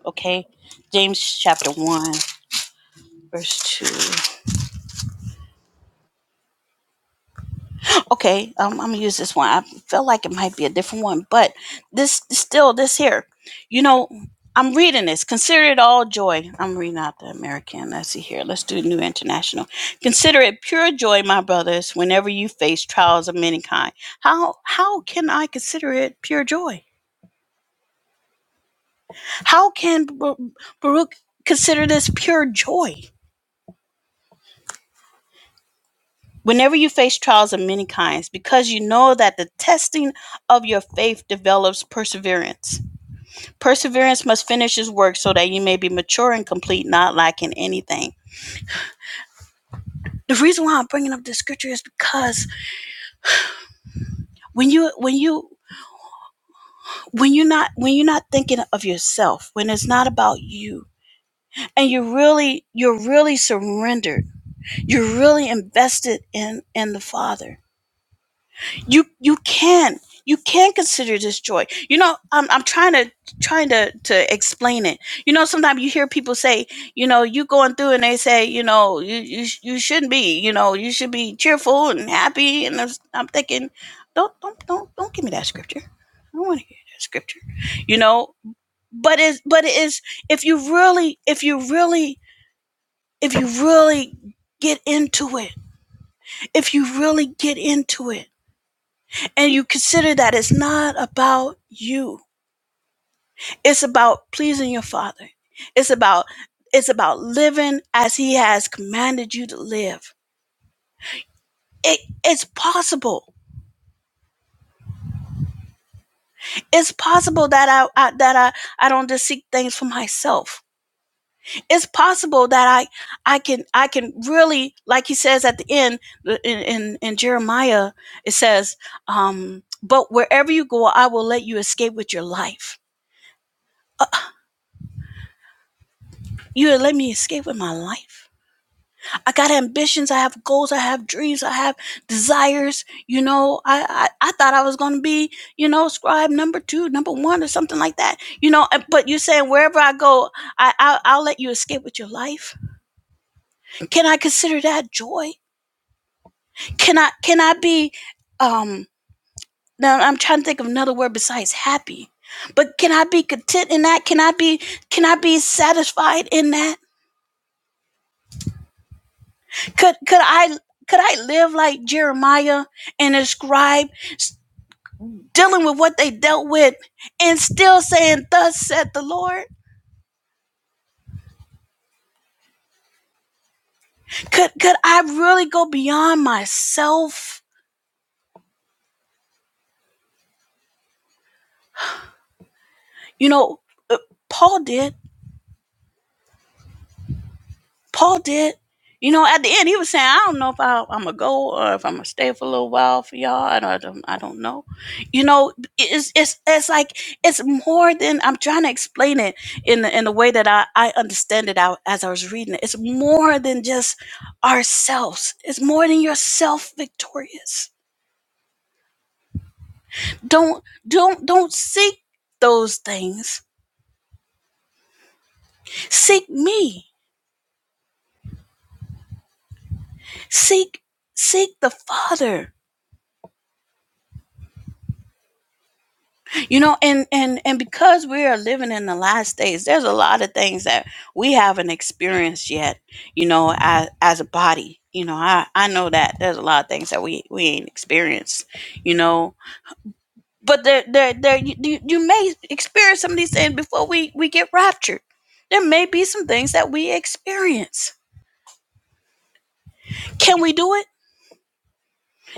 A: Okay, James chapter one, verse two. Okay, um, I'm gonna use this one. I felt like it might be a different one, but this still this here. You know, I'm reading this. Consider it all joy. I'm reading out the American. Let's see here. Let's do New International. Consider it pure joy, my brothers, whenever you face trials of many kind. How how can I consider it pure joy? How can Bar- Baruch consider this pure joy? Whenever you face trials of many kinds, because you know that the testing of your faith develops perseverance. Perseverance must finish its work so that you may be mature and complete, not lacking anything. The reason why I'm bringing up this scripture is because when you when you when you're not when you're not thinking of yourself, when it's not about you, and you're really you're really surrendered, you're really invested in in the Father you you can you can consider this joy you know i'm, I'm trying to trying to to explain it you know sometimes you hear people say you know you going through and they say you know you you, sh- you shouldn't be you know you should be cheerful and happy and i'm, I'm thinking don't don't don't don't give me that scripture i don't want to hear that scripture you know but it's but it is if you really if you really if you really get into it if you really get into it and you consider that it's not about you it's about pleasing your father it's about it's about living as he has commanded you to live it, it's possible it's possible that I, I that i i don't just seek things for myself it's possible that i i can i can really like he says at the end in in, in jeremiah it says um but wherever you go i will let you escape with your life you will let me escape with my life I got ambitions. I have goals. I have dreams. I have desires. You know, I I, I thought I was going to be, you know, scribe number two, number one, or something like that. You know, and- but you're saying wherever I go, I I'll, I'll let you escape with your life. Can I consider that joy? Can I can I be? Um, now I'm trying to think of another word besides happy. But can I be content in that? Can I be can I be satisfied in that? Could could I could I live like Jeremiah and ascribe? dealing with what they dealt with and still saying thus said the lord could could i really go beyond myself you know uh, paul did paul did you know at the end he was saying i don't know if I, i'm gonna go or if i'm gonna stay for a little while for y'all i don't i don't, I don't know you know it's, it's it's like it's more than i'm trying to explain it in the, in the way that i i understand it out as i was reading it it's more than just ourselves it's more than yourself victorious Don't don't don't seek those things. Seek me. Seek seek the Father. You know, and and and because we are living in the last days, there's a lot of things that we haven't experienced yet, you know, as as a body. You know, I I know that there's a lot of things that we we ain't experienced, you know. But there there there you, you you may experience some of these things before we we get raptured. There may be some things that we experience. Can we do it?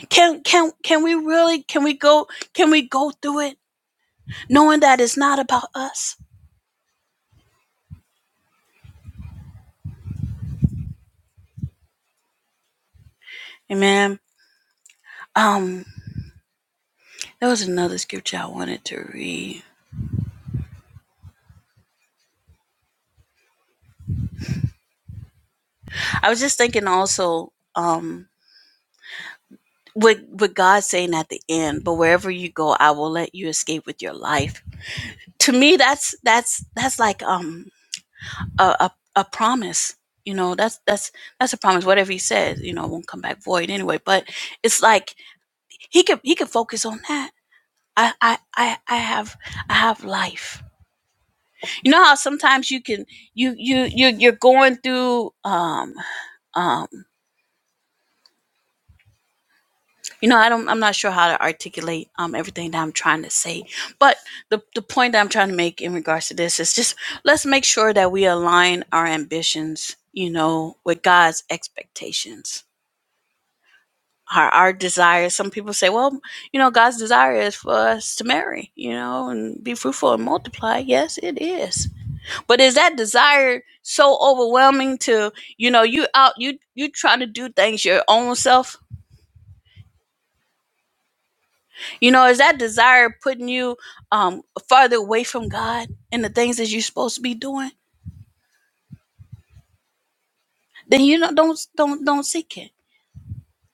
A: Can can can we really can we go can we go through it knowing that it's not about us? Amen. Um there was another scripture I wanted to read. I was just thinking also um with with God saying at the end, but wherever you go, I will let you escape with your life. To me that's that's that's like um a a, a promise. You know, that's that's that's a promise. Whatever he says, you know, it won't come back void anyway. But it's like he could he could focus on that I, I, I, I have I have life. You know how sometimes you can you you you you're going through um um you know I don't I'm not sure how to articulate um everything that I'm trying to say, but the the point that I'm trying to make in regards to this is just let's make sure that we align our ambitions, you know, with God's expectations. Our, our desire some people say well you know god's desire is for us to marry you know and be fruitful and multiply yes it is But is that desire so overwhelming to you know you out you you trying to do things your own self? You know, is that desire putting you um farther away from God and the things that you're supposed to be doing? Then you don't don't don't don't seek it.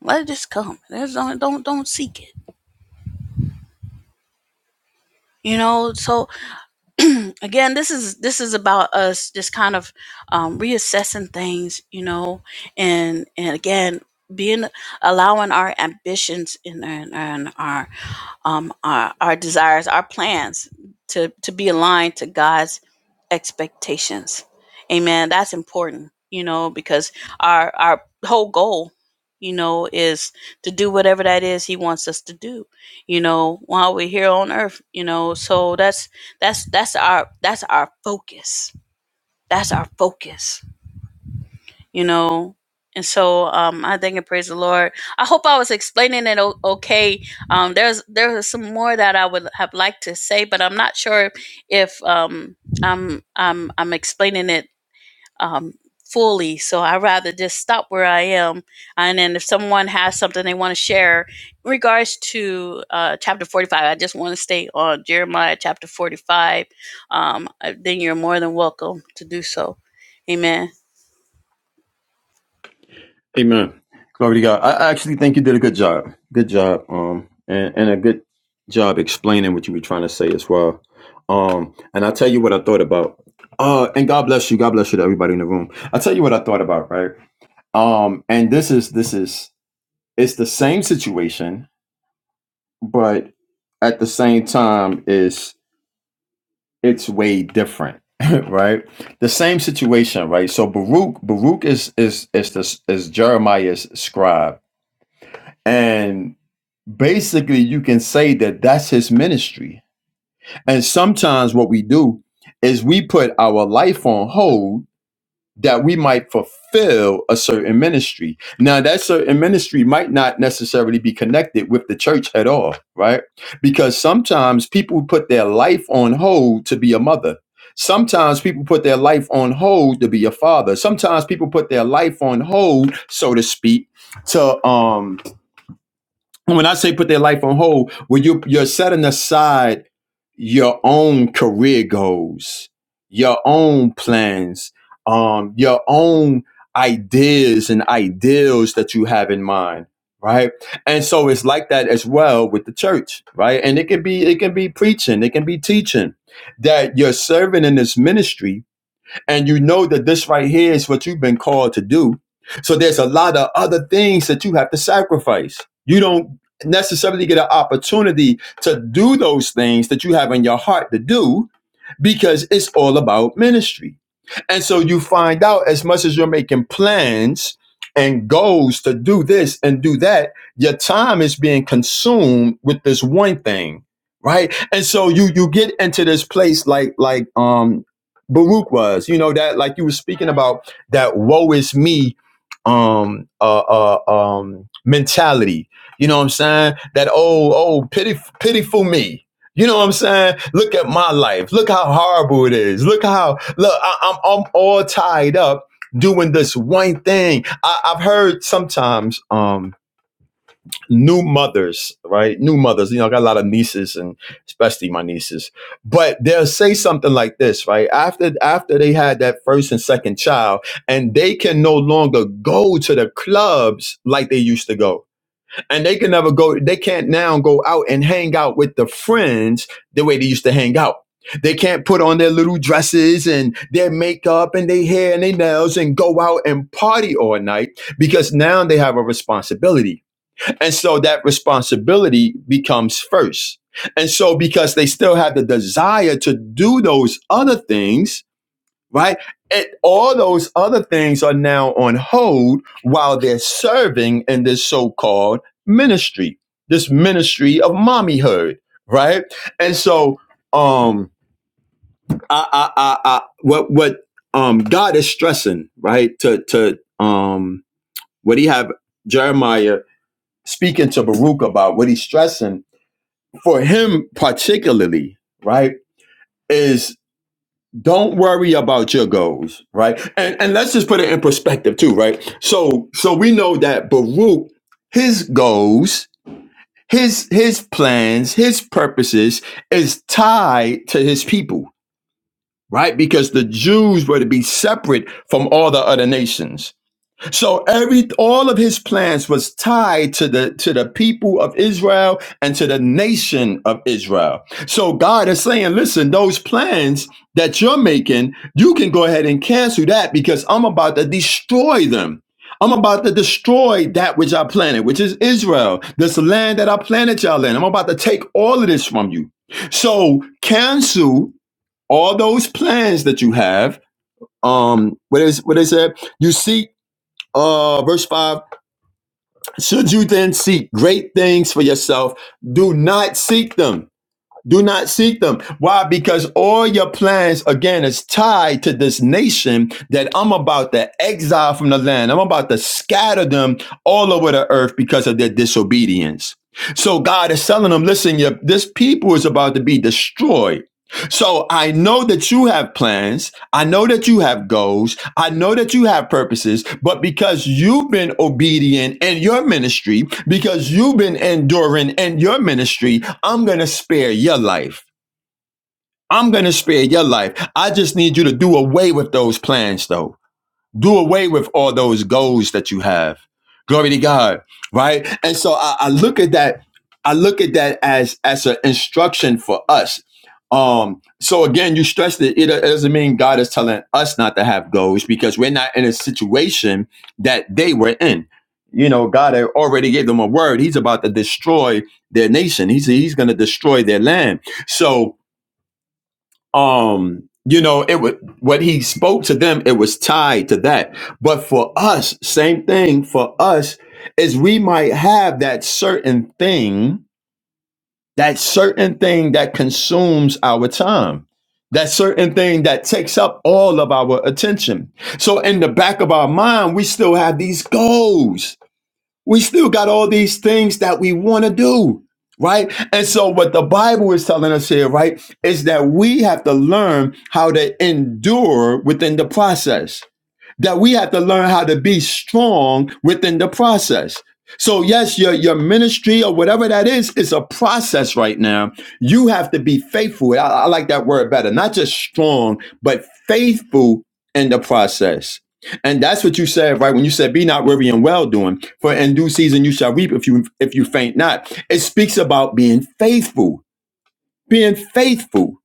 A: Let it just come. There's don't don't don't seek it. You know, so again, this is this is about us just kind of um, reassessing things, you know, and and again being allowing our ambitions and, and, and our um, our, our desires, our plans to, to be aligned to God's expectations. Amen. That's important, you know, because our, our whole goal, you know, is to do whatever that is he wants us to do, you know, while we're here on earth, you know, so that's, that's, that's our, that's our focus. That's our focus you know and so um i thank and praise the lord i hope i was explaining it o- okay um there's there was some more that i would have liked to say but i'm not sure if um i'm i'm i'm explaining it um fully so i would rather just stop where i am and then if someone has something they want to share in regards to uh, chapter 45 i just want to stay on jeremiah chapter 45 um, uh, then you're more than welcome to do so amen
F: Amen. Glory to God. I I actually think you did a good job. Good job. Um and, and a good job explaining what you were trying to say as well. Um and I'll tell you what I thought about. Uh and God bless you. God bless you to everybody in the room. I'll tell you what I thought about, right? Um and this is this is it's the same situation, but at the same time, is it's way different, right? The same situation, right? So Baruch, Baruch is is is the is Jeremiah's scribe, and basically, you can say that that's his ministry. And sometimes, what we do is we put our life on hold that we might fulfill a certain ministry. Now, that certain ministry might not necessarily be connected with the church at all, right? Because sometimes people put their life on hold to be a mother. Sometimes people put their life on hold to be a father. Sometimes people put their life on hold, so to speak, to um when I say put their life on hold, when you you're setting aside your own career goals, your own plans, um, your own ideas and ideals that you have in mind, right? And so it's like that as well with the church, right? And it can be it can be preaching, it can be teaching that you're serving in this ministry and you know that this right here is what you've been called to do. So there's a lot of other things that you have to sacrifice. You don't necessarily get an opportunity to do those things that you have in your heart to do because it's all about ministry. And so you find out as much as you're making plans and goals to do this and do that, your time is being consumed with this one thing, right? And so you you get into this place like like um Baruch was, you know that like you were speaking about that woe is me um uh, uh um mentality. You know what I'm saying? That oh oh pity pitiful me, you know what I'm saying? Look at my life. Look how horrible it is. Look how look. I, I'm I'm all tied up doing this one thing. I, I've heard sometimes um new mothers, right? New mothers. You know, I got a lot of nieces and especially my nieces. But they'll say something like this, right? After after they had that first and second child, and they can no longer go to the clubs like they used to go and they can never go they can't now go out and hang out with the friends the way they used to hang out they can't put on their little dresses and their makeup and their hair and their nails and go out and party all night because now they have a responsibility and so that responsibility becomes first and so because they still have the desire to do those other things right? And all those other things are now on hold while they're serving in this so-called ministry, this ministry of mommyhood, right? And so, um, I, I, I, I what, what, um, God is stressing, right? To, to, um, what he have Jeremiah speaking to Baruch about, what he's stressing for him particularly, right? Is don't worry about your goals, right? And and let's just put it in perspective too, right? So so we know that Baruch, his goals, his his plans, his purposes is tied to his people, right? Because the Jews were to be separate from all the other nations. So every all of his plans was tied to the to the people of Israel and to the nation of Israel. So God is saying, listen, those plans that you're making, you can go ahead and cancel that because I'm about to destroy them. I'm about to destroy that which I planted, which is Israel, this land that I planted y'all in. I'm about to take all of this from you. So cancel all those plans that you have. Um, what is what is it? You see uh, verse 5 Should you then seek great things for yourself, do not seek them. Do not seek them. Why? Because all your plans, again, is tied to this nation that I'm about to exile from the land. I'm about to scatter them all over the earth because of their disobedience. So God is telling them, listen, your, this people is about to be destroyed. So I know that you have plans. I know that you have goals. I know that you have purposes, but because you've been obedient in your ministry, because you've been enduring in your ministry, I'm going to spare your life. I'm going to spare your life. I just need you to do away with those plans though do away with all those goals that you have glory to god right and so i, I look at that i look at that as as an instruction for us um so again you stressed it it, it doesn't mean god is telling us not to have goals because we're not in a situation that they were in you know god had already gave them a word he's about to destroy their nation he's he's going to destroy their land so um you know it was what he spoke to them it was tied to that but for us same thing for us is we might have that certain thing that certain thing that consumes our time that certain thing that takes up all of our attention so in the back of our mind we still have these goals we still got all these things that we want to do right and so what the bible is telling us here right is that we have to learn how to endure within the process that we have to learn how to be strong within the process. So yes, your your ministry or whatever that is is a process right now. You have to be faithful. I, I like that word better. Not just strong, but faithful in the process. And that's what you said, right? When you said, "Be not weary in well doing, for in due season you shall reap if you if you faint not." It speaks about being faithful. Being faithful.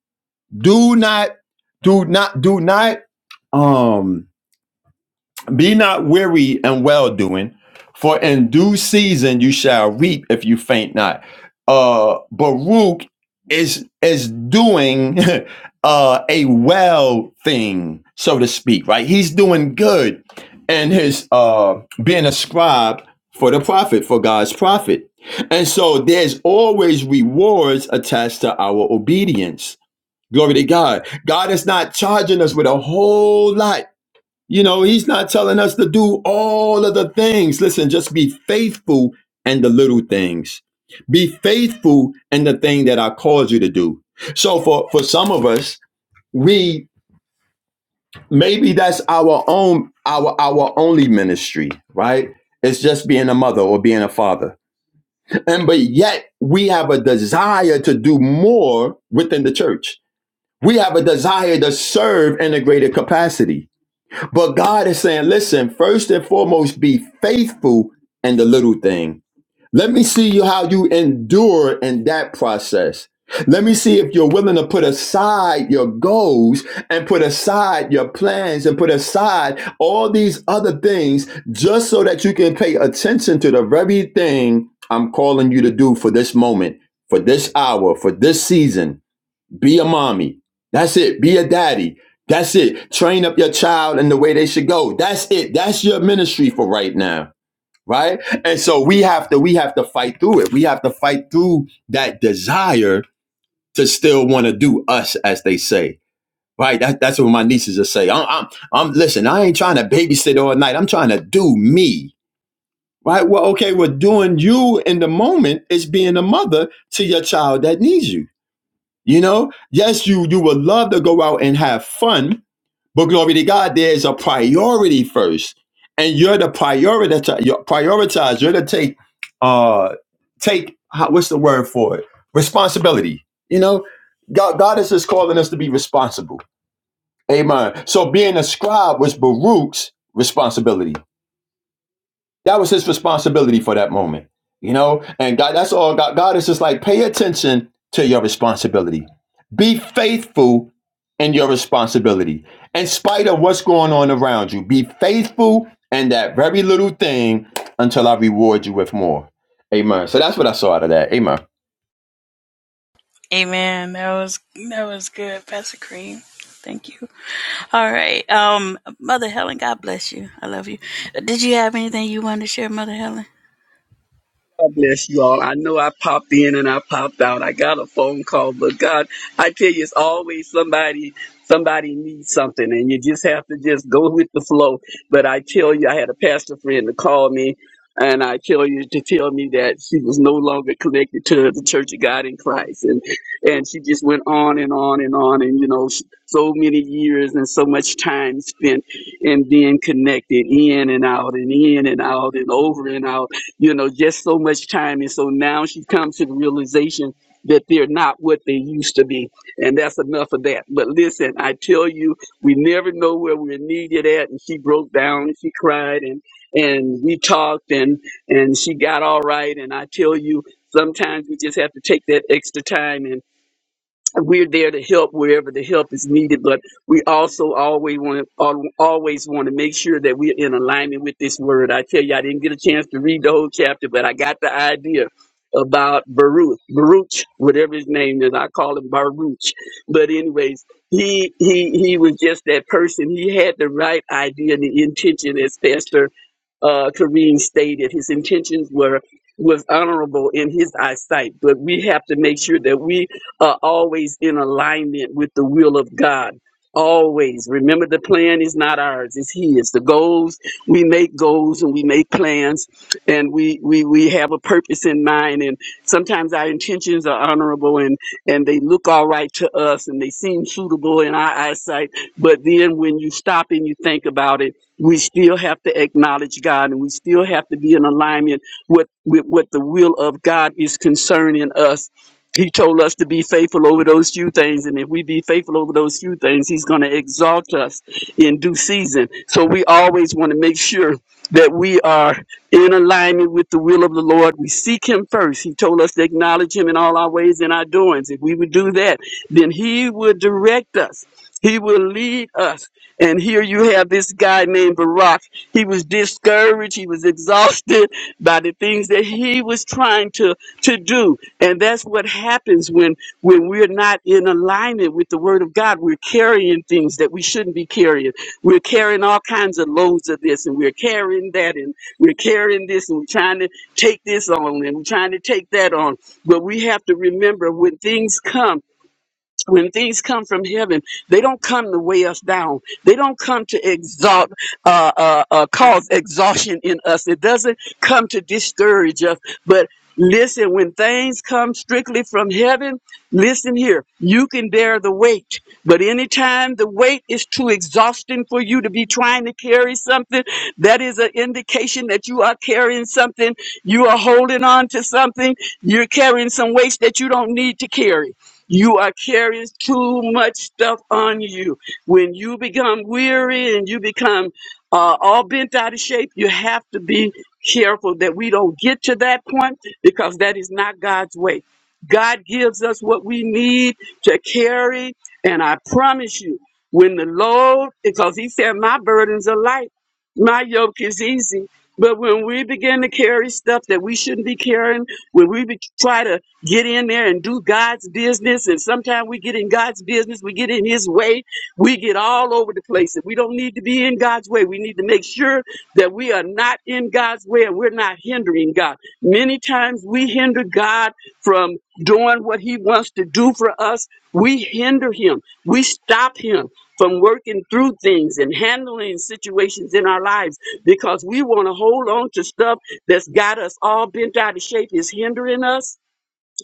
F: Do not, do not, do not. Um, be not weary in well doing, for in due season you shall reap if you faint not. Uh, Baruch is is doing uh, a well thing, so to speak. Right, he's doing good, and his uh, being a scribe for the prophet, for God's prophet, and so there's always rewards attached to our obedience. Glory to God. God is not charging us with a whole lot you know, he's not telling us to do all of the things. Listen, just be faithful in the little things. Be faithful in the thing that I called you to do. So for for some of us, we maybe that's our own our our only ministry, right? It's just being a mother or being a father. And but yet we have a desire to do more within the church. We have a desire to serve in a greater capacity But God is saying, listen, first and foremost, be faithful in the little thing. Let me see you how you endure in that process. Let me see if you're willing to put aside your goals and put aside your plans and put aside all these other things just so that you can pay attention to the very thing I'm calling you to do for this moment, for this hour, for this season. Be a mommy. That's it. Be a daddy. That's it. Train up your child in the way they should go. That's it. That's your ministry for right now. Right? And so we have to we have to fight through it. We have to fight through that desire to still want to do us as they say. Right? That, that's what my nieces are saying. I'm, I'm I'm listen, I ain't trying to babysit all night. I'm trying to do me. Right? Well, okay, well doing you in the moment is being a mother to your child that needs you you know, yes, you you would love to go out and have fun, but glory to God, there's a priority first, and you're the prioritize. You're prioritize. You're to take uh take how, what's the word for it? Responsibility. You know, God God is just calling us to be responsible. Amen. So being a scribe was Baruch's responsibility. That was his responsibility for that moment, you know. And God, that's all. God, God is just like pay attention to your responsibility. Be faithful in your responsibility, in spite of what's going on around you. Be faithful in that very little thing until I reward you with more. Amen. So that's what I saw out of that. Amen.
A: Amen. That was that was good, Pastor Cream. Thank you. All right. Um, Mother Helen, God bless you. I love you. Did you have anything you wanted to share, Mother Helen?
G: God bless you all. I know I popped in and I popped out. I got a phone call, but God, I tell you, it's always somebody. Somebody needs something, and you just have to just go with the flow. But I tell you, I had a pastor friend to call me, and I tell you to tell me that she was no longer connected to the Church of God in Christ, and and she just went on and on and on, and you know, s- so many years and so much time spent and being connected in and out and in and out and over and out you know, just so much time. And so now she comes to the realization that they're not what they used to be. And that's enough of that. But listen, I tell you, we never know where we're needed at. And she broke down and she cried and, and we talked and, and she got all right. And I tell you, sometimes we just have to take that extra time we're there to help wherever the help is needed, but we also always want to always want to make sure that we're in alignment with this word. I tell you, I didn't get a chance to read the whole chapter, but I got the idea about Baruch, Baruch, whatever his name is. I call him Baruch, but anyways, he he he was just that person. He had the right idea and the intention, as Pastor uh, Kareem stated. His intentions were was honorable in his eyesight, but we have to make sure that we are always in alignment with the will of God. Always remember the plan is not ours, it's his. The goals, we make goals and we make plans and we, we, we have a purpose in mind. And sometimes our intentions are honorable and, and they look all right to us and they seem suitable in our eyesight. But then when you stop and you think about it, we still have to acknowledge God and we still have to be in alignment with, with what the will of God is concerning us he told us to be faithful over those few things, and if we be faithful over those few things, He's going to exalt us in due season. So we always want to make sure that we are in alignment with the will of the Lord. We seek Him first. He told us to acknowledge Him in all our ways and our doings. If we would do that, then He would direct us. He will lead us. And here you have this guy named Barak. He was discouraged. He was exhausted by the things that he was trying to, to do. And that's what happens when, when we're not in alignment with the word of God. We're carrying things that we shouldn't be carrying. We're carrying all kinds of loads of this and we're carrying that and we're carrying this and we're trying to take this on and we're trying to take that on. But we have to remember when things come, when things come from heaven, they don't come to weigh us down. They don't come to exalt, uh, uh, uh, cause exhaustion in us. It doesn't come to discourage us. But listen, when things come strictly from heaven, listen here, you can bear the weight. But anytime the weight is too exhausting for you to be trying to carry something, that is an indication that you are carrying something. You are holding on to something. You're carrying some weights that you don't need to carry. You are carrying too much stuff on you. When you become weary and you become uh, all bent out of shape, you have to be careful that we don't get to that point because that is not God's way. God gives us what we need to carry, and I promise you, when the load, because He said, My burdens are light, my yoke is easy. But when we begin to carry stuff that we shouldn't be carrying, when we be, try to get in there and do God's business, and sometimes we get in God's business, we get in His way, we get all over the place. And we don't need to be in God's way. We need to make sure that we are not in God's way and we're not hindering God. Many times we hinder God from doing what He wants to do for us. We hinder Him, we stop Him from working through things and handling situations in our lives because we want to hold on to stuff that's got us all bent out of shape is hindering us,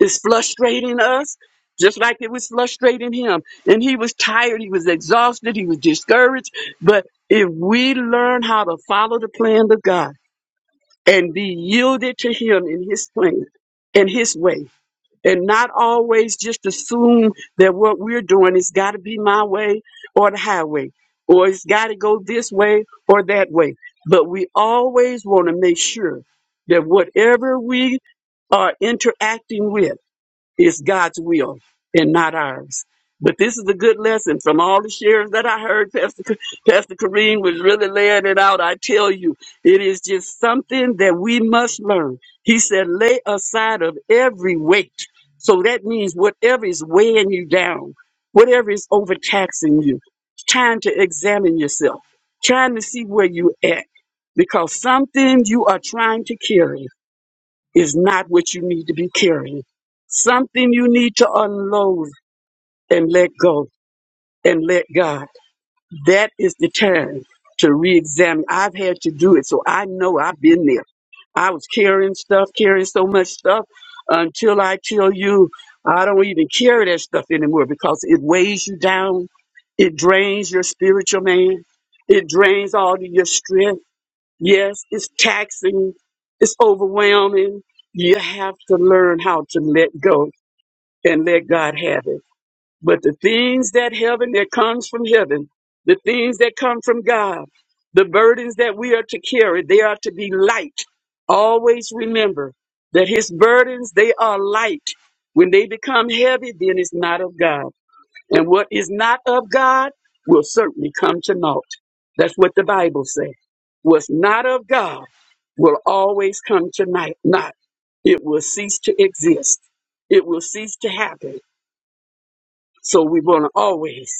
G: is frustrating us, just like it was frustrating him. And he was tired, he was exhausted, he was discouraged. But if we learn how to follow the plan of God and be yielded to him in his plan and his way, and not always just assume that what we're doing has got to be my way or the highway, or it's got to go this way or that way. But we always want to make sure that whatever we are interacting with, it's God's will and not ours. But this is a good lesson from all the shares that I heard. Pastor, Ka- Pastor Kareem was really laying it out. I tell you, it is just something that we must learn. He said, lay aside of every weight. So that means whatever is weighing you down, whatever is overtaxing you, trying to examine yourself, trying to see where you at, because something you are trying to carry is not what you need to be carrying. Something you need to unload and let go and let God. That is the time to re examine. I've had to do it, so I know I've been there. I was carrying stuff, carrying so much stuff until I tell you I don't even carry that stuff anymore because it weighs you down. It drains your spiritual man. It drains all of your strength Yes, it's taxing, it's overwhelming. You have to learn how to let go and let God have it. But the things that heaven that comes from heaven, the things that come from God, the burdens that we are to carry, they are to be light. Always remember that his burdens, they are light. When they become heavy, then it's not of God. And what is not of God will certainly come to naught. That's what the Bible says. What's not of God will always come to ni- naught. It will cease to exist. It will cease to happen. So we want to always.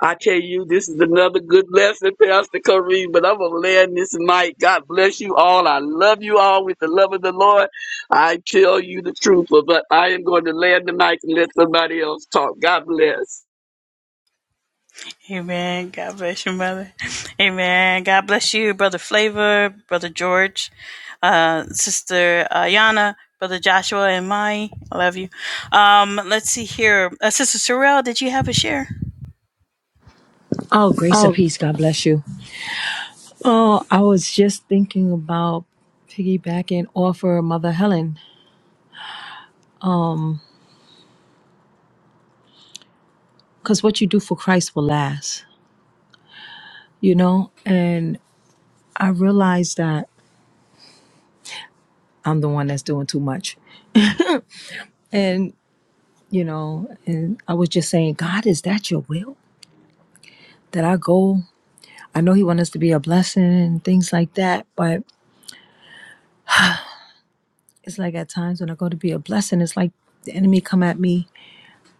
G: I tell you, this is another good lesson, Pastor Kareem, but I'm going to land this mic. God bless you all. I love you all with the love of the Lord. I tell you the truth, but I am going to land the mic and let somebody else talk. God bless.
A: Amen. God bless you, Mother. Amen. God bless you, Brother Flavor, Brother George, uh, Sister Ayana, Brother Joshua, and Mai. I love you. Um, let's see here. Uh, Sister Sorrell, did you have a share?
E: oh grace and
A: Oh,
E: peace god bless you oh i was just thinking about piggybacking off of mother helen because what you do for christ will last you know and i realized that I'm the one that's doing too much. And, you know, and I was just saying, God, is that your will? That I go, I know He wants us to be a blessing and things like that, but it's like at times when I go to be a blessing, it's like the enemy come at me,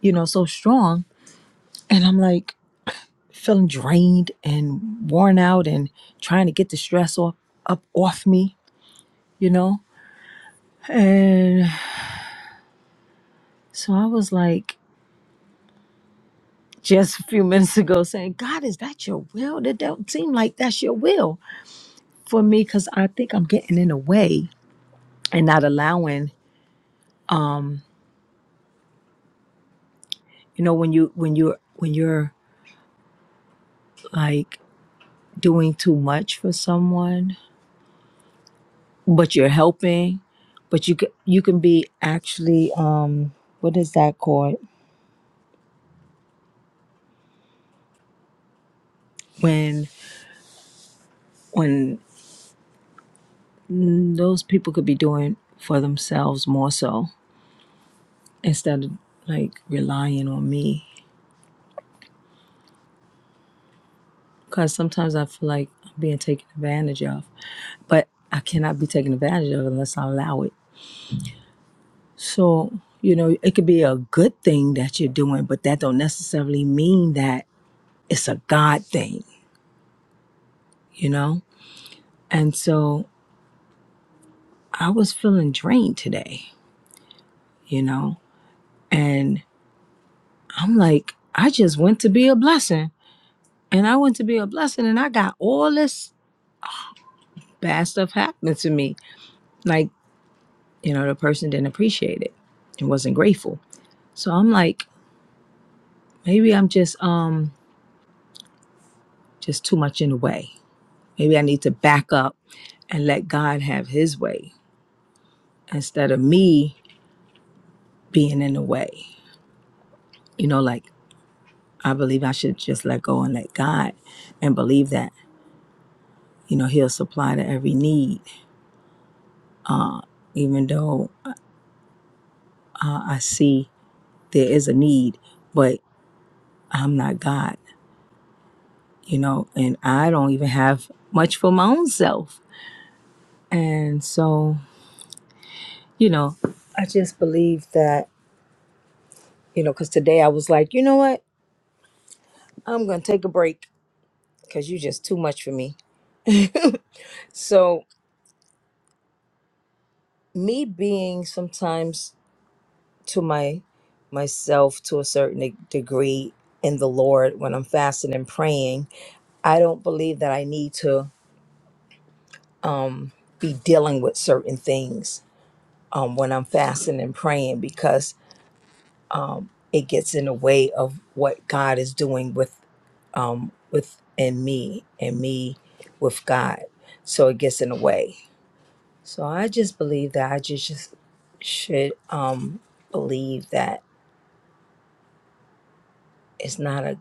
E: you know, so strong. And I'm like feeling drained and worn out and trying to get the stress off up off me, you know? And so I was like just a few minutes ago saying, God, is that your will? That don't seem like that's your will for me because I think I'm getting in the way and not allowing. Um, you know, when you when you're when you're like doing too much for someone, but you're helping, but you c- you can be actually um, what is that called? When when mm, those people could be doing for themselves more so instead of like relying on me. Because sometimes I feel like I'm being taken advantage of, but I cannot be taken advantage of unless I allow it. So, you know, it could be a good thing that you're doing, but that don't necessarily mean that it's a God thing, you know? And so I was feeling drained today, you know? And I'm like, I just went to be a blessing. And I went to be a blessing and I got all this bad stuff happening to me. Like, you know, the person didn't appreciate it and wasn't grateful. So I'm like, maybe I'm just um just too much in the way Maybe I need to back up and let God have his way instead of me being in the way. You know, like I believe I should just let go and let God and believe that, you know, he'll supply to every need, even though uh, I see there is a need, but I'm not God, you know, and I don't even have much for my own self. And so, you know, I just believe that, you know, because today I was like, you know what? I'm going to take a break because you're just too much for me so me being sometimes to my myself to a certain de- degree in the lord when i'm fasting and praying i don't believe that i need to um be dealing with certain things um when i'm fasting and praying because um it gets in the way of what god is doing with um with and me and me with god so it gets in the way So I just believe that I just, just should um believe that it's not a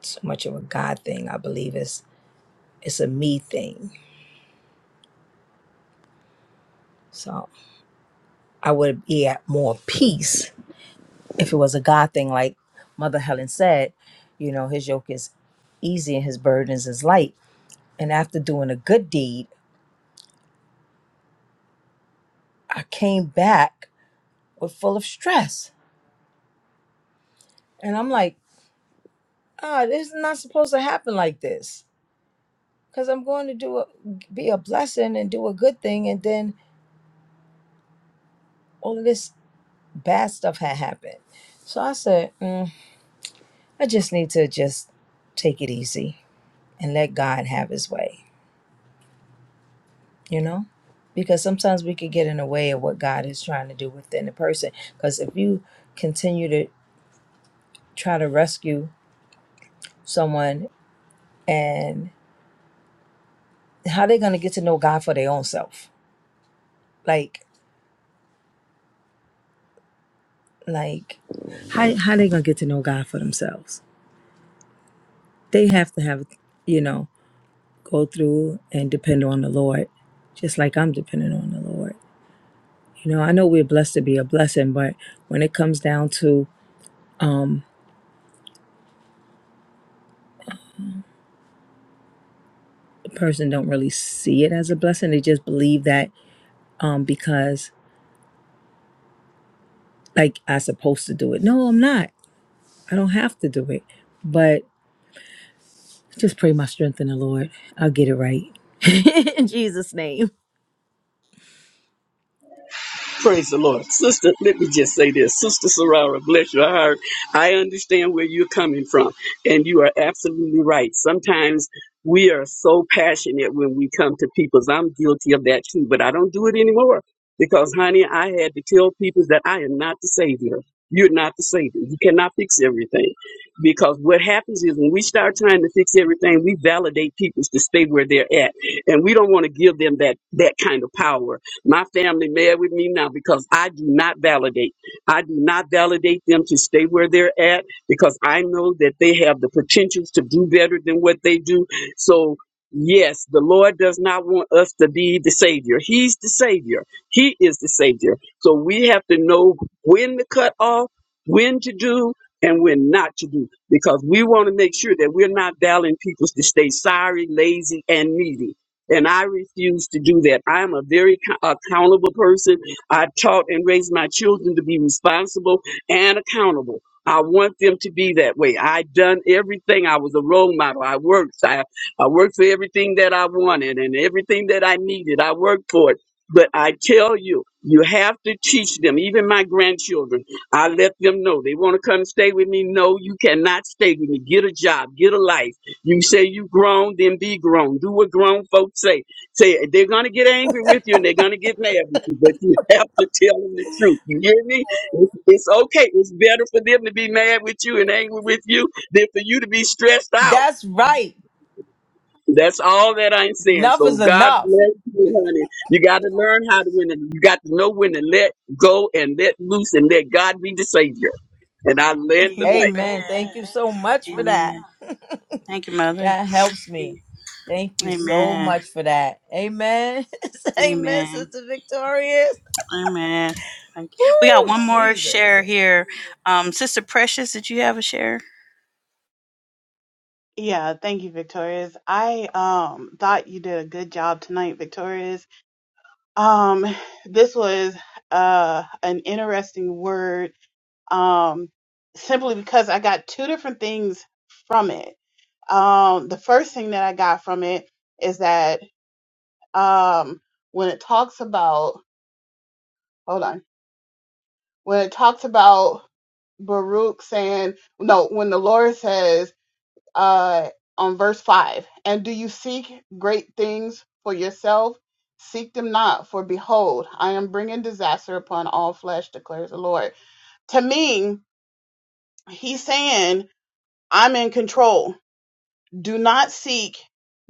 E: so much of a God thing. I believe it's it's a me thing. So I would be at more peace if it was a God thing, like Mother Helen said. You know, His yoke is easy and His burdens is light. And after doing a good deed, I came back with full of stress, and I'm like, ah, this is not supposed to happen like this because I'm going to do a, be a blessing and do a good thing, and then all of this bad stuff had happened. So I said, mm, I just need to just take it easy and let God have His way, you know, because sometimes we could get in the way of what God is trying to do within the person. Because if you continue to try to rescue someone, and how they gonna get to know God for their own self, like like how how they gonna get to know God for themselves? They have to have you know go through and depend on the Lord, just like I'm depending on the Lord. You know, I know we're blessed to be a blessing, but when it comes down to um a person don't really see it as a blessing. They just believe that um because like I supposed to do it. No, I'm not. I don't have to do it. But just pray my strength in the Lord. I'll get it right. in Jesus' name.
G: Praise the Lord. Sister, let me just say this. Sister Sarara, bless your heart. I understand where you're coming from, and you are absolutely right. Sometimes we are so passionate when we come to people's. I'm guilty of that too, but I don't do it anymore because, honey, I had to tell people that I am not the Savior. You're not the Savior. You cannot fix everything. Because what happens is when we start trying to fix everything, we validate people to stay where they're at. And we don't want to give them that, that kind of power my family mad with me now because I do not validate. I do not validate them to stay where they're at because I know that they have the potentials to do better than what they do. So yes, the Lord does not want us to be the savior. He's the savior. He is the savior. So we have to know when to cut off, when to do, and when not to do because we want to make sure that we're not valuing people to stay sorry, lazy, and needy and I refuse to do that. I am a very co- accountable person. I taught and raised my children to be responsible and accountable. I want them to be that way. I done everything. I was a role model. I worked. I, I worked for everything that I wanted and everything that I needed. I worked for it. But I tell you, you have to teach them, even my grandchildren. I let them know they want to come stay with me. No, you cannot stay with me. Get a job, get a life you say you grown, then be grown. Do what grown folks say. Say they're gonna get angry with you and they're gonna get mad with you, but you have to tell them the truth. You hear me? It's, it's okay. It's better for them to be mad with you and angry with you than for you to be stressed out.
E: That's right.
G: That's all that I'm saying.
E: Enough
G: So
E: is
G: God
E: enough.
G: bless you, honey. You got to learn how to win. You got to know when to let go and let loose and let God be the savior. And I land the
A: Amen.
E: Amen. Thank you so much for that.
A: Amen. Thank you, Mother.
E: That helps me. Thank you so
A: Amen.
E: much for that. Amen. Amen,
A: Amen.
E: Sister Victorious.
A: Amen. Thank you. We got
E: Woo,
A: one more share
E: Jesus.
A: here. Um, Sister Precious, did you have a share?
D: Yeah, thank you, Victorious. I um thought you did a good job tonight, Victorious. Um this was uh an interesting word um simply because I got two different things from it. Um the first thing that I got from it is that um when it talks about hold on, when it talks about Baruch saying no, when the Lord says uh, on verse 5 and do you seek great things for yourself seek them not for behold i am bringing disaster upon all flesh declares the lord to me he's saying i'm in control do not seek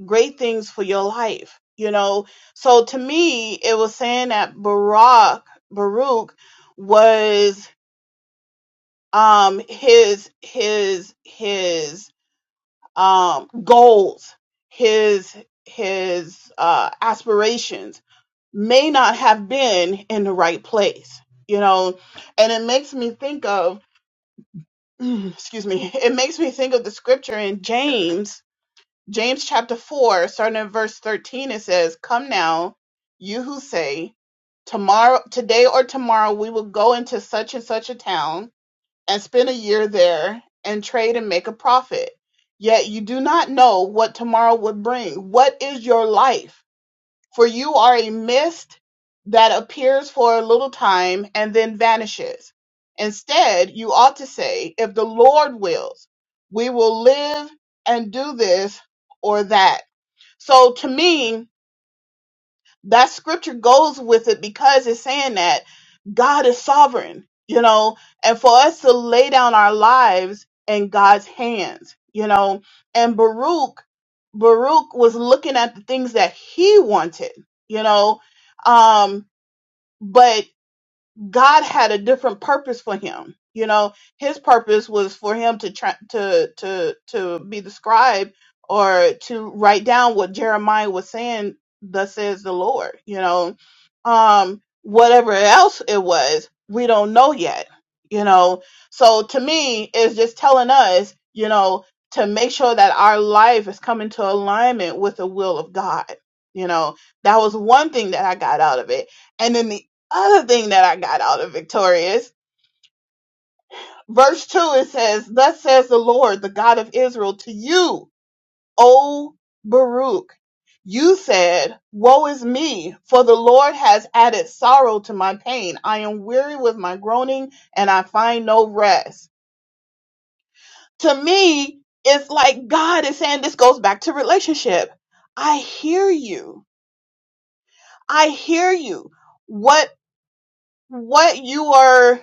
D: great things for your life you know so to me it was saying that barak baruch was um his his his um, goals, his his uh, aspirations may not have been in the right place, you know. And it makes me think of, excuse me, it makes me think of the scripture in James, James chapter four, starting at verse thirteen. It says, "Come now, you who say." Tomorrow, today or tomorrow, we will go into such and such a town and spend a year there and trade and make a profit. Yet you do not know what tomorrow would bring. What is your life? For you are a mist that appears for a little time and then vanishes. Instead, you ought to say, if the Lord wills, we will live and do this or that. So to me, that scripture goes with it because it's saying that God is sovereign, you know, and for us to lay down our lives in God's hands, you know, and Baruch, Baruch was looking at the things that he wanted, you know, um, but God had a different purpose for him. You know, his purpose was for him to try to to to be the scribe or to write down what Jeremiah was saying. Thus says the Lord. You know, um, whatever else it was, we don't know yet. You know, so to me, it's just telling us, you know, to make sure that our life is coming to alignment with the will of God. You know, that was one thing that I got out of it. And then the other thing that I got out of Victorious, verse 2, it says, Thus says the Lord, the God of Israel, to you, O Baruch. You said, Woe is me, for the Lord has added sorrow to my pain. I am weary with my groaning, and I find no rest. To me, it's like God is saying this goes back to relationship. I hear you. I hear you. What what you are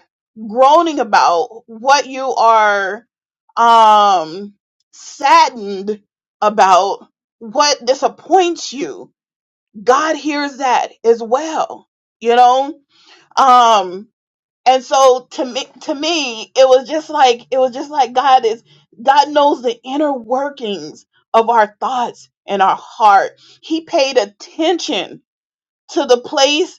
D: groaning about, what you are um saddened about, what disappoints you. God hears that as well, you know? Um and so to me to me it was just like it was just like God is God knows the inner workings of our thoughts and our heart. He paid attention to the place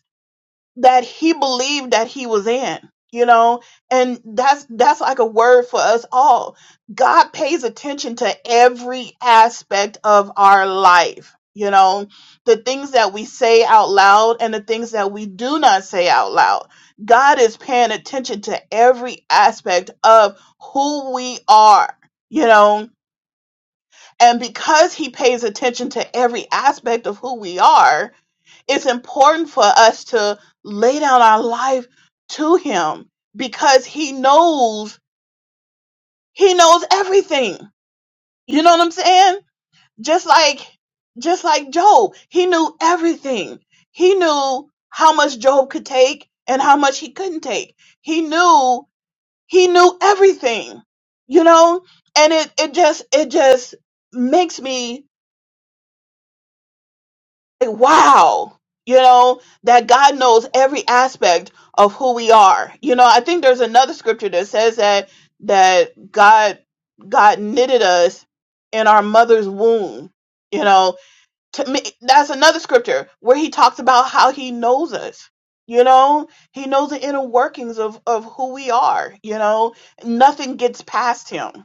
D: that he believed that he was in you know and that's that's like a word for us all god pays attention to every aspect of our life you know the things that we say out loud and the things that we do not say out loud god is paying attention to every aspect of who we are you know and because he pays attention to every aspect of who we are it's important for us to lay down our life to him because he knows he knows everything you know what i'm saying just like just like job he knew everything he knew how much job could take and how much he couldn't take he knew he knew everything you know and it it just it just makes me like, wow, you know, that God knows every aspect of who we are. You know, I think there's another scripture that says that that God God knitted us in our mother's womb. You know, to me that's another scripture where he talks about how he knows us. You know, he knows the inner workings of of who we are, you know. Nothing gets past him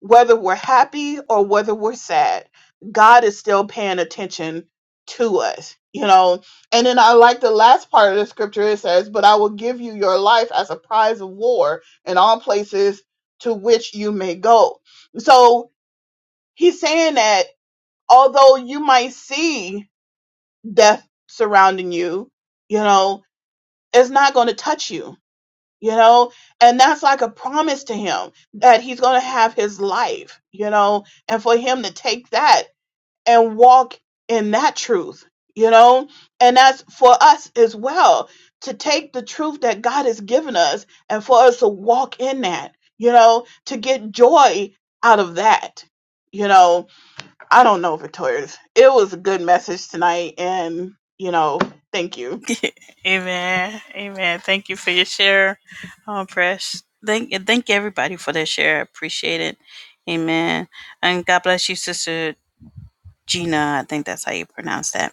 D: whether we're happy or whether we're sad, God is still paying attention to us, you know. And then I like the last part of the scripture it says, But I will give you your life as a prize of war in all places to which you may go. So he's saying that although you might see death surrounding you, you know, it's not going to touch you you know and that's like a promise to him that he's going to have his life you know and for him to take that and walk in that truth you know and that's for us as well to take the truth that God has given us and for us to walk in that you know to get joy out of that you know i don't know victorious it was a good message tonight and you know thank you
A: Amen. Amen. Thank you for your share, um, Precious. Thank thank everybody for their share. I appreciate it. Amen. And God bless you, Sister Gina. I think that's how you pronounce that.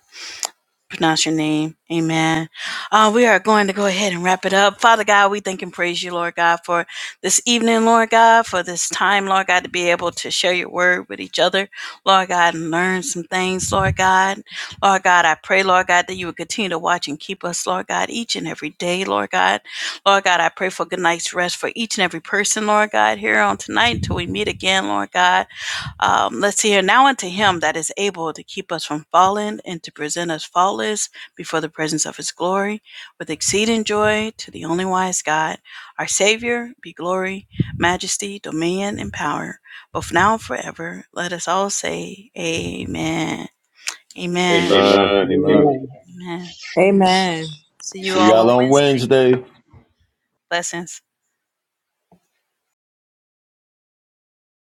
A: pronounce your name. Amen. Uh, we are going to go ahead and wrap it up. Father God, we thank and praise you, Lord God, for this evening, Lord God, for this time, Lord God, to be able to share your word with each other, Lord God, and learn some things, Lord God. Lord God, I pray, Lord God, that you would continue to watch and keep us, Lord God, each and every day, Lord God. Lord God, I pray for good night's rest for each and every person, Lord God, here on tonight until we meet again, Lord God. Um, let's see here. Now unto him that is able to keep us from falling and to present us faultless before the presence of his glory with exceeding joy to the only wise God, our Savior, be glory, majesty, dominion, and power, both now and forever. Let us all say, Amen. Amen.
F: Amen.
A: Amen.
G: mic.
F: Amen.
A: Amen. Amen.
E: Amen.
A: See you
F: See
A: all
F: y'all
A: on
F: on
A: Wednesday.
F: Wednesday.
A: Blessings.